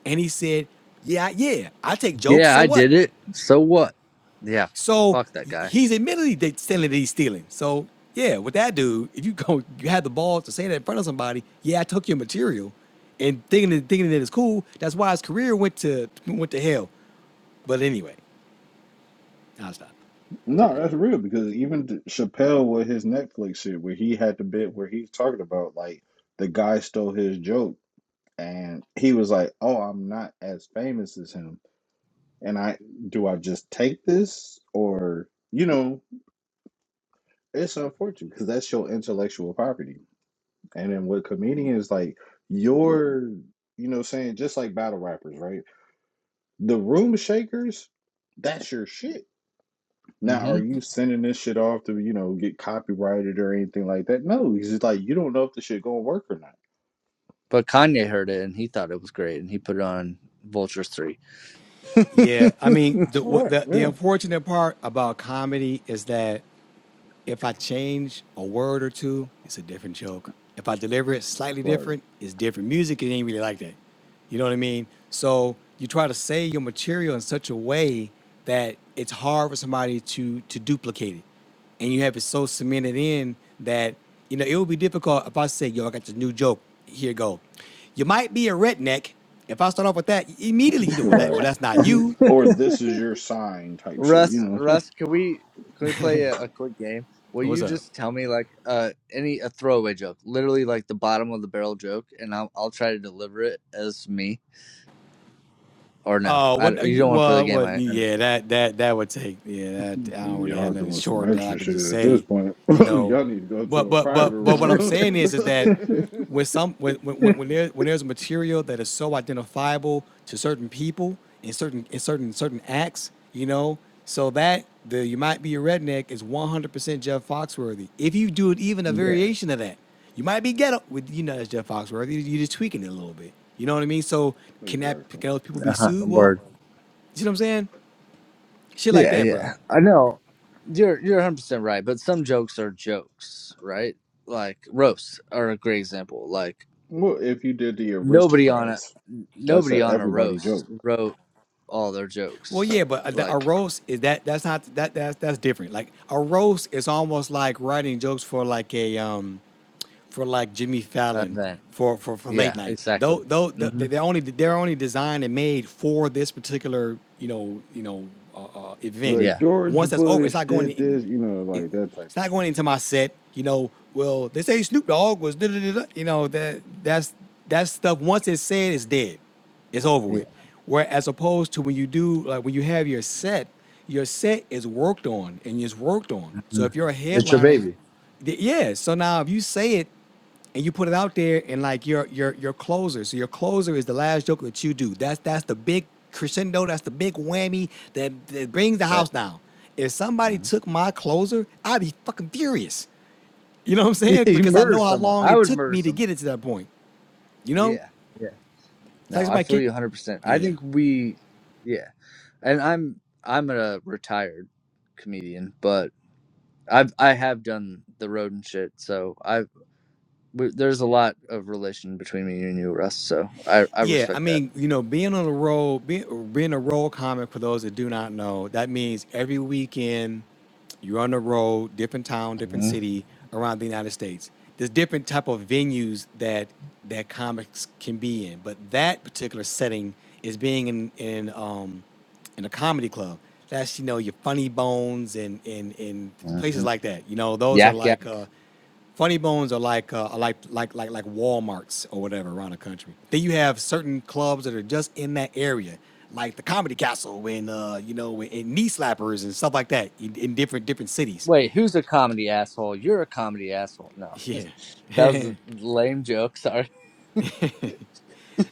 [SPEAKER 6] and he said, Yeah, yeah, I take jokes,
[SPEAKER 10] Yeah,
[SPEAKER 6] so
[SPEAKER 10] I
[SPEAKER 6] what?
[SPEAKER 10] did it. So what? Yeah,
[SPEAKER 6] So
[SPEAKER 10] fuck that guy.
[SPEAKER 6] he's admittedly de- saying that he's stealing. So yeah, with that dude, if you go, you had the balls to say that in front of somebody. Yeah, I took your material, and thinking that, thinking that it's cool. That's why his career went to went to hell. But anyway, I'll stop.
[SPEAKER 1] no,
[SPEAKER 10] Yeah.
[SPEAKER 1] that's real because even th- Chappelle with his Netflix shit where he had the bit where he's talking about like the guy stole his joke and he was like, Oh, I'm not as famous as him and I do I just take this or you know, it's unfortunate because that's your intellectual property. And then with comedians, like your, you know, what I'm saying just like battle rappers, right? The room shakers, that's your shit. Now,
[SPEAKER 10] hmm
[SPEAKER 1] are you sending this shit off to you know get copyrighted or anything like that? No, it's just like you don't know if the shit gonna work or not.
[SPEAKER 10] But Kanye heard it and he thought it was great, and he put it on Vultures three.
[SPEAKER 6] Yeah, I mean the
[SPEAKER 1] All
[SPEAKER 6] what
[SPEAKER 1] right,
[SPEAKER 6] the, the
[SPEAKER 1] yeah,
[SPEAKER 6] unfortunate part about comedy is that If I change a word or two, it's a different joke. If I deliver it slightly
[SPEAKER 1] right,
[SPEAKER 6] different, it's different. Music, it ain't really like that. You know what I mean? So you try to say your material in such a way that it's hard for somebody to to duplicate it. And you have it so cemented in that, you know, it would be difficult if I say, yo, I got this new joke. Here it go. You might be a redneck. If I start off with that, immediately you know, well, that, well that's not
[SPEAKER 1] right.
[SPEAKER 6] you.
[SPEAKER 1] or this is your sign type shit, you
[SPEAKER 10] Russ,
[SPEAKER 1] know.
[SPEAKER 10] Russ, can we can we play a, a quick game? Will
[SPEAKER 6] What's
[SPEAKER 10] you
[SPEAKER 6] up?
[SPEAKER 10] just tell me like uh any a throwaway joke, literally like the bottom of the barrel joke, and I'll I'll try to deliver it as me or no?
[SPEAKER 6] Oh,
[SPEAKER 10] I
[SPEAKER 6] what? are
[SPEAKER 10] you
[SPEAKER 6] you-
[SPEAKER 10] don't want to play the
[SPEAKER 6] Well,
[SPEAKER 10] game.
[SPEAKER 6] what?
[SPEAKER 10] I
[SPEAKER 6] Yeah,
[SPEAKER 10] understand.
[SPEAKER 6] that that that would take. Yeah, that I don't really have
[SPEAKER 1] Y'all
[SPEAKER 6] nothing
[SPEAKER 1] doing some
[SPEAKER 6] short that I
[SPEAKER 1] extra
[SPEAKER 6] could
[SPEAKER 1] shit
[SPEAKER 6] just
[SPEAKER 1] at this
[SPEAKER 6] say,
[SPEAKER 1] point.
[SPEAKER 6] you know.
[SPEAKER 1] Y'all need to go to
[SPEAKER 6] But
[SPEAKER 1] a
[SPEAKER 6] but
[SPEAKER 1] private
[SPEAKER 6] but but what
[SPEAKER 1] room.
[SPEAKER 6] I'm saying is is that when some when when when when there when there's material that is so identifiable to certain people in certain in certain certain acts, you know, so that the you might be a redneck is 100% Jeff Foxworthy. If you do it even a
[SPEAKER 10] Yeah,
[SPEAKER 6] variation of that, you might be ghetto with you know that's Jeff Foxworthy. You- are just tweaking it a little bit. You know what I mean? So can that
[SPEAKER 1] exactly.
[SPEAKER 6] can those people be
[SPEAKER 10] uh-huh,
[SPEAKER 6] sued? Well,
[SPEAKER 10] word.
[SPEAKER 6] you see what I'm saying? Shit like
[SPEAKER 10] Yeah,
[SPEAKER 6] that, bro.
[SPEAKER 10] yeah, I know. You're you're 100 percent right, but some jokes are jokes, right? Like roasts are a great example. Like
[SPEAKER 1] What if you did the
[SPEAKER 10] nobody on a
[SPEAKER 1] aristocrats? That's
[SPEAKER 10] nobody
[SPEAKER 1] a
[SPEAKER 10] on a
[SPEAKER 1] everybody
[SPEAKER 10] roast
[SPEAKER 1] joke.
[SPEAKER 10] wrote all their
[SPEAKER 6] Well,
[SPEAKER 10] jokes.
[SPEAKER 6] yeah, but a,
[SPEAKER 10] Like
[SPEAKER 6] a roast is that that's not that that's that's different. Like a roast is almost like writing jokes for like a um for like Jimmy
[SPEAKER 10] an
[SPEAKER 6] Fallon
[SPEAKER 10] event.
[SPEAKER 6] for for, for late
[SPEAKER 10] Yeah,
[SPEAKER 6] night.
[SPEAKER 10] exactly.
[SPEAKER 6] Though though th-
[SPEAKER 10] hmm
[SPEAKER 6] they're only they're only designed and made for this particular you know you know uh, uh, event.
[SPEAKER 1] Like
[SPEAKER 10] Yeah,
[SPEAKER 1] George
[SPEAKER 6] Once that's over, it's
[SPEAKER 1] Bush
[SPEAKER 6] not going
[SPEAKER 1] did
[SPEAKER 6] to
[SPEAKER 1] this, you know, like that type
[SPEAKER 6] It's
[SPEAKER 1] of
[SPEAKER 6] not going
[SPEAKER 1] shit.
[SPEAKER 6] into my set. You know, well, they say Snoop Dogg was da da da. da. You know that that's that stuff. Once it's said, it's dead. It's over
[SPEAKER 10] yeah.
[SPEAKER 6] with. Where as opposed to when you do like when you have your set, your set is worked on and it's worked on. So
[SPEAKER 10] mhm.
[SPEAKER 6] if you're a
[SPEAKER 10] It's your
[SPEAKER 6] headliner,
[SPEAKER 10] baby.
[SPEAKER 6] th- yeah. So now if you say it and you put it out there and like your your your closer. So your closer is the last joke that you do. That's that's the big crescendo, that's the big whammy that, that brings the
[SPEAKER 10] That
[SPEAKER 6] house down. If somebody
[SPEAKER 10] Mhm.
[SPEAKER 6] took my closer, I'd be fucking furious. You know what I'm saying?
[SPEAKER 10] you
[SPEAKER 6] Because I
[SPEAKER 10] murder
[SPEAKER 6] know how
[SPEAKER 10] someone.
[SPEAKER 6] long
[SPEAKER 10] I
[SPEAKER 6] it
[SPEAKER 10] would
[SPEAKER 6] took
[SPEAKER 10] murder
[SPEAKER 6] me to
[SPEAKER 10] someone.
[SPEAKER 6] get it to that point. You know?
[SPEAKER 10] Yeah, yeah.
[SPEAKER 6] It's
[SPEAKER 10] No,
[SPEAKER 6] like
[SPEAKER 10] I
[SPEAKER 6] my
[SPEAKER 10] feel you
[SPEAKER 6] kid.
[SPEAKER 10] 100. percent I
[SPEAKER 6] Yeah.
[SPEAKER 10] think we, yeah, and I'm I'm a retired comedian, but I've I have done the road and shit. So I w- there's a lot of relation between me and you, Russ. So I I
[SPEAKER 6] Yeah, I
[SPEAKER 10] respect that.
[SPEAKER 6] mean, you know, being on the road, being, being a road comic for those that do not know, that means every weekend you're on the road, different town, different
[SPEAKER 10] Mm-hmm.
[SPEAKER 6] city around the United States. There's different type of venues that that comics can be in, but that particular setting is being in in um in a comedy club. That's you know your Funny Bones and and and
[SPEAKER 10] hmm
[SPEAKER 6] places like that. You know, those are
[SPEAKER 10] Yak
[SPEAKER 6] like uh Funny Bones are like uh, are like like like like Walmarts or whatever around the country. Then you have certain clubs that are just in that area, like the Comedy Castle and uh, you know and knee slappers and stuff like that in, in different different cities.
[SPEAKER 10] Wait, who's a comedy asshole? You're a comedy asshole. No, that
[SPEAKER 6] Yeah.
[SPEAKER 10] was a lame joke. Sorry.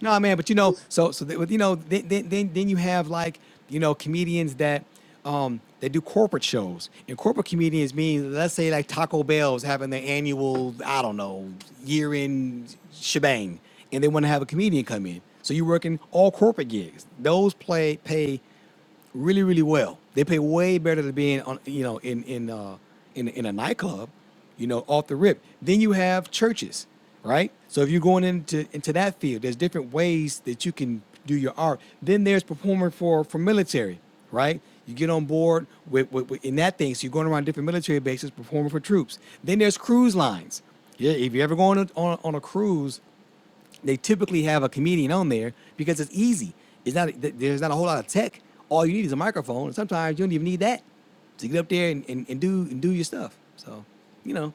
[SPEAKER 6] No, man, but you know, so so they, you know, then, then then then you have like you know comedians that um that do corporate shows, and corporate comedians mean let's say like Taco Bell's having their annual I don't know year end shebang, and they want to have a comedian come in. So you're working all corporate gigs. Those play pay really, really well. They pay way better than being on, you know, in in uh, in in a nightclub, you know, off the rip. Then you have churches, right? So if you're going into into that field, there's different ways that you can do your art. Then there's performing for for military, right? You get on board with, with, with in that thing. So you're going around different military bases performing for troops. Then there's cruise lines. Yeah, if you ever go on on a cruise, they typically have a comedian on there because it's easy. It's not th- there's not a whole lot of tech. All you need is a microphone, and sometimes you don't even need that to get up there and, and, and do and do your stuff. So, you know,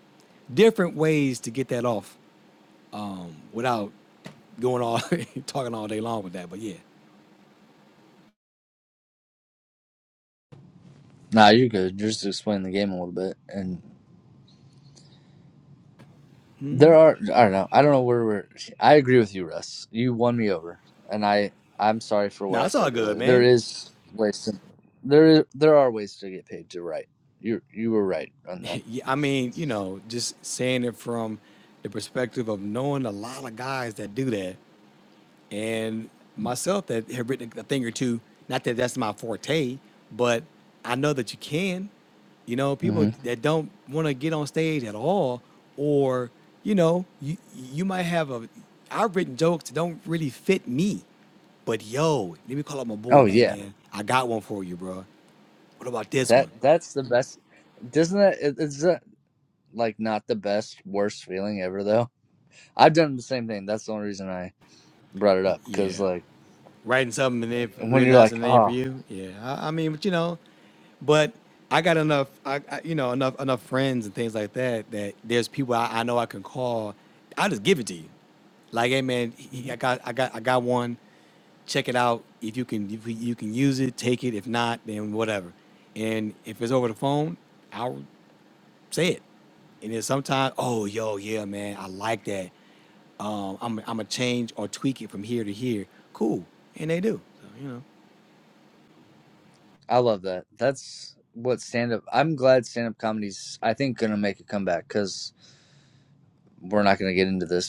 [SPEAKER 6] different ways to get that off without going all talking all day long with that. But yeah,
[SPEAKER 10] Nah, you're good. Just explain the game a little bit. And there are, I don't know. I don't know where we're. I agree with you, Russ. You won me over, and I, I'm sorry for what
[SPEAKER 6] no,
[SPEAKER 10] I
[SPEAKER 6] it's all
[SPEAKER 10] said
[SPEAKER 6] good,
[SPEAKER 10] earlier. There
[SPEAKER 6] man.
[SPEAKER 10] is ways to, there is, there are ways to get paid to write. You, you were right on that.
[SPEAKER 6] yeah, I mean, you know, just saying it from the perspective of knowing a lot of guys that do that and myself that have written a thing or two. Not that that's my forte, but I know that you can. You know, people
[SPEAKER 10] hmm
[SPEAKER 6] that don't want to get on stage at all, or you know, you you might have a. I've written jokes that don't really fit me, but yo, let me call up my boy.
[SPEAKER 10] Oh
[SPEAKER 6] Hey
[SPEAKER 10] yeah,
[SPEAKER 6] man, I got one for you, bro. What about this
[SPEAKER 10] that
[SPEAKER 6] one?
[SPEAKER 10] that's the best. Doesn't that it, it's uh, like not the best worst feeling ever though? I've done the same thing. That's the only reason I brought it up because
[SPEAKER 6] Yeah.
[SPEAKER 10] like
[SPEAKER 6] writing something and then
[SPEAKER 10] when you're like,
[SPEAKER 6] realizing it ain't for
[SPEAKER 10] oh,
[SPEAKER 6] you. Yeah, I, I mean, but you know, but I got enough, I, I you know, enough enough friends and things like that. That there's people I, I know I can call. I just give it to you. Like, hey man, he- he- I got I got I got one. Check it out. If you can if you you can use it, take it. If not, then whatever. And if it's over the phone, I'll say it. And then sometimes, oh yo, yeah man, I like that. Um, I'm I'm gonna change or tweak it from here to here. Cool, and they do. So, you know.
[SPEAKER 10] I love that. That's what stand up. I'm glad stand up comedy's. I think gonna make a comeback because we're not gonna get into this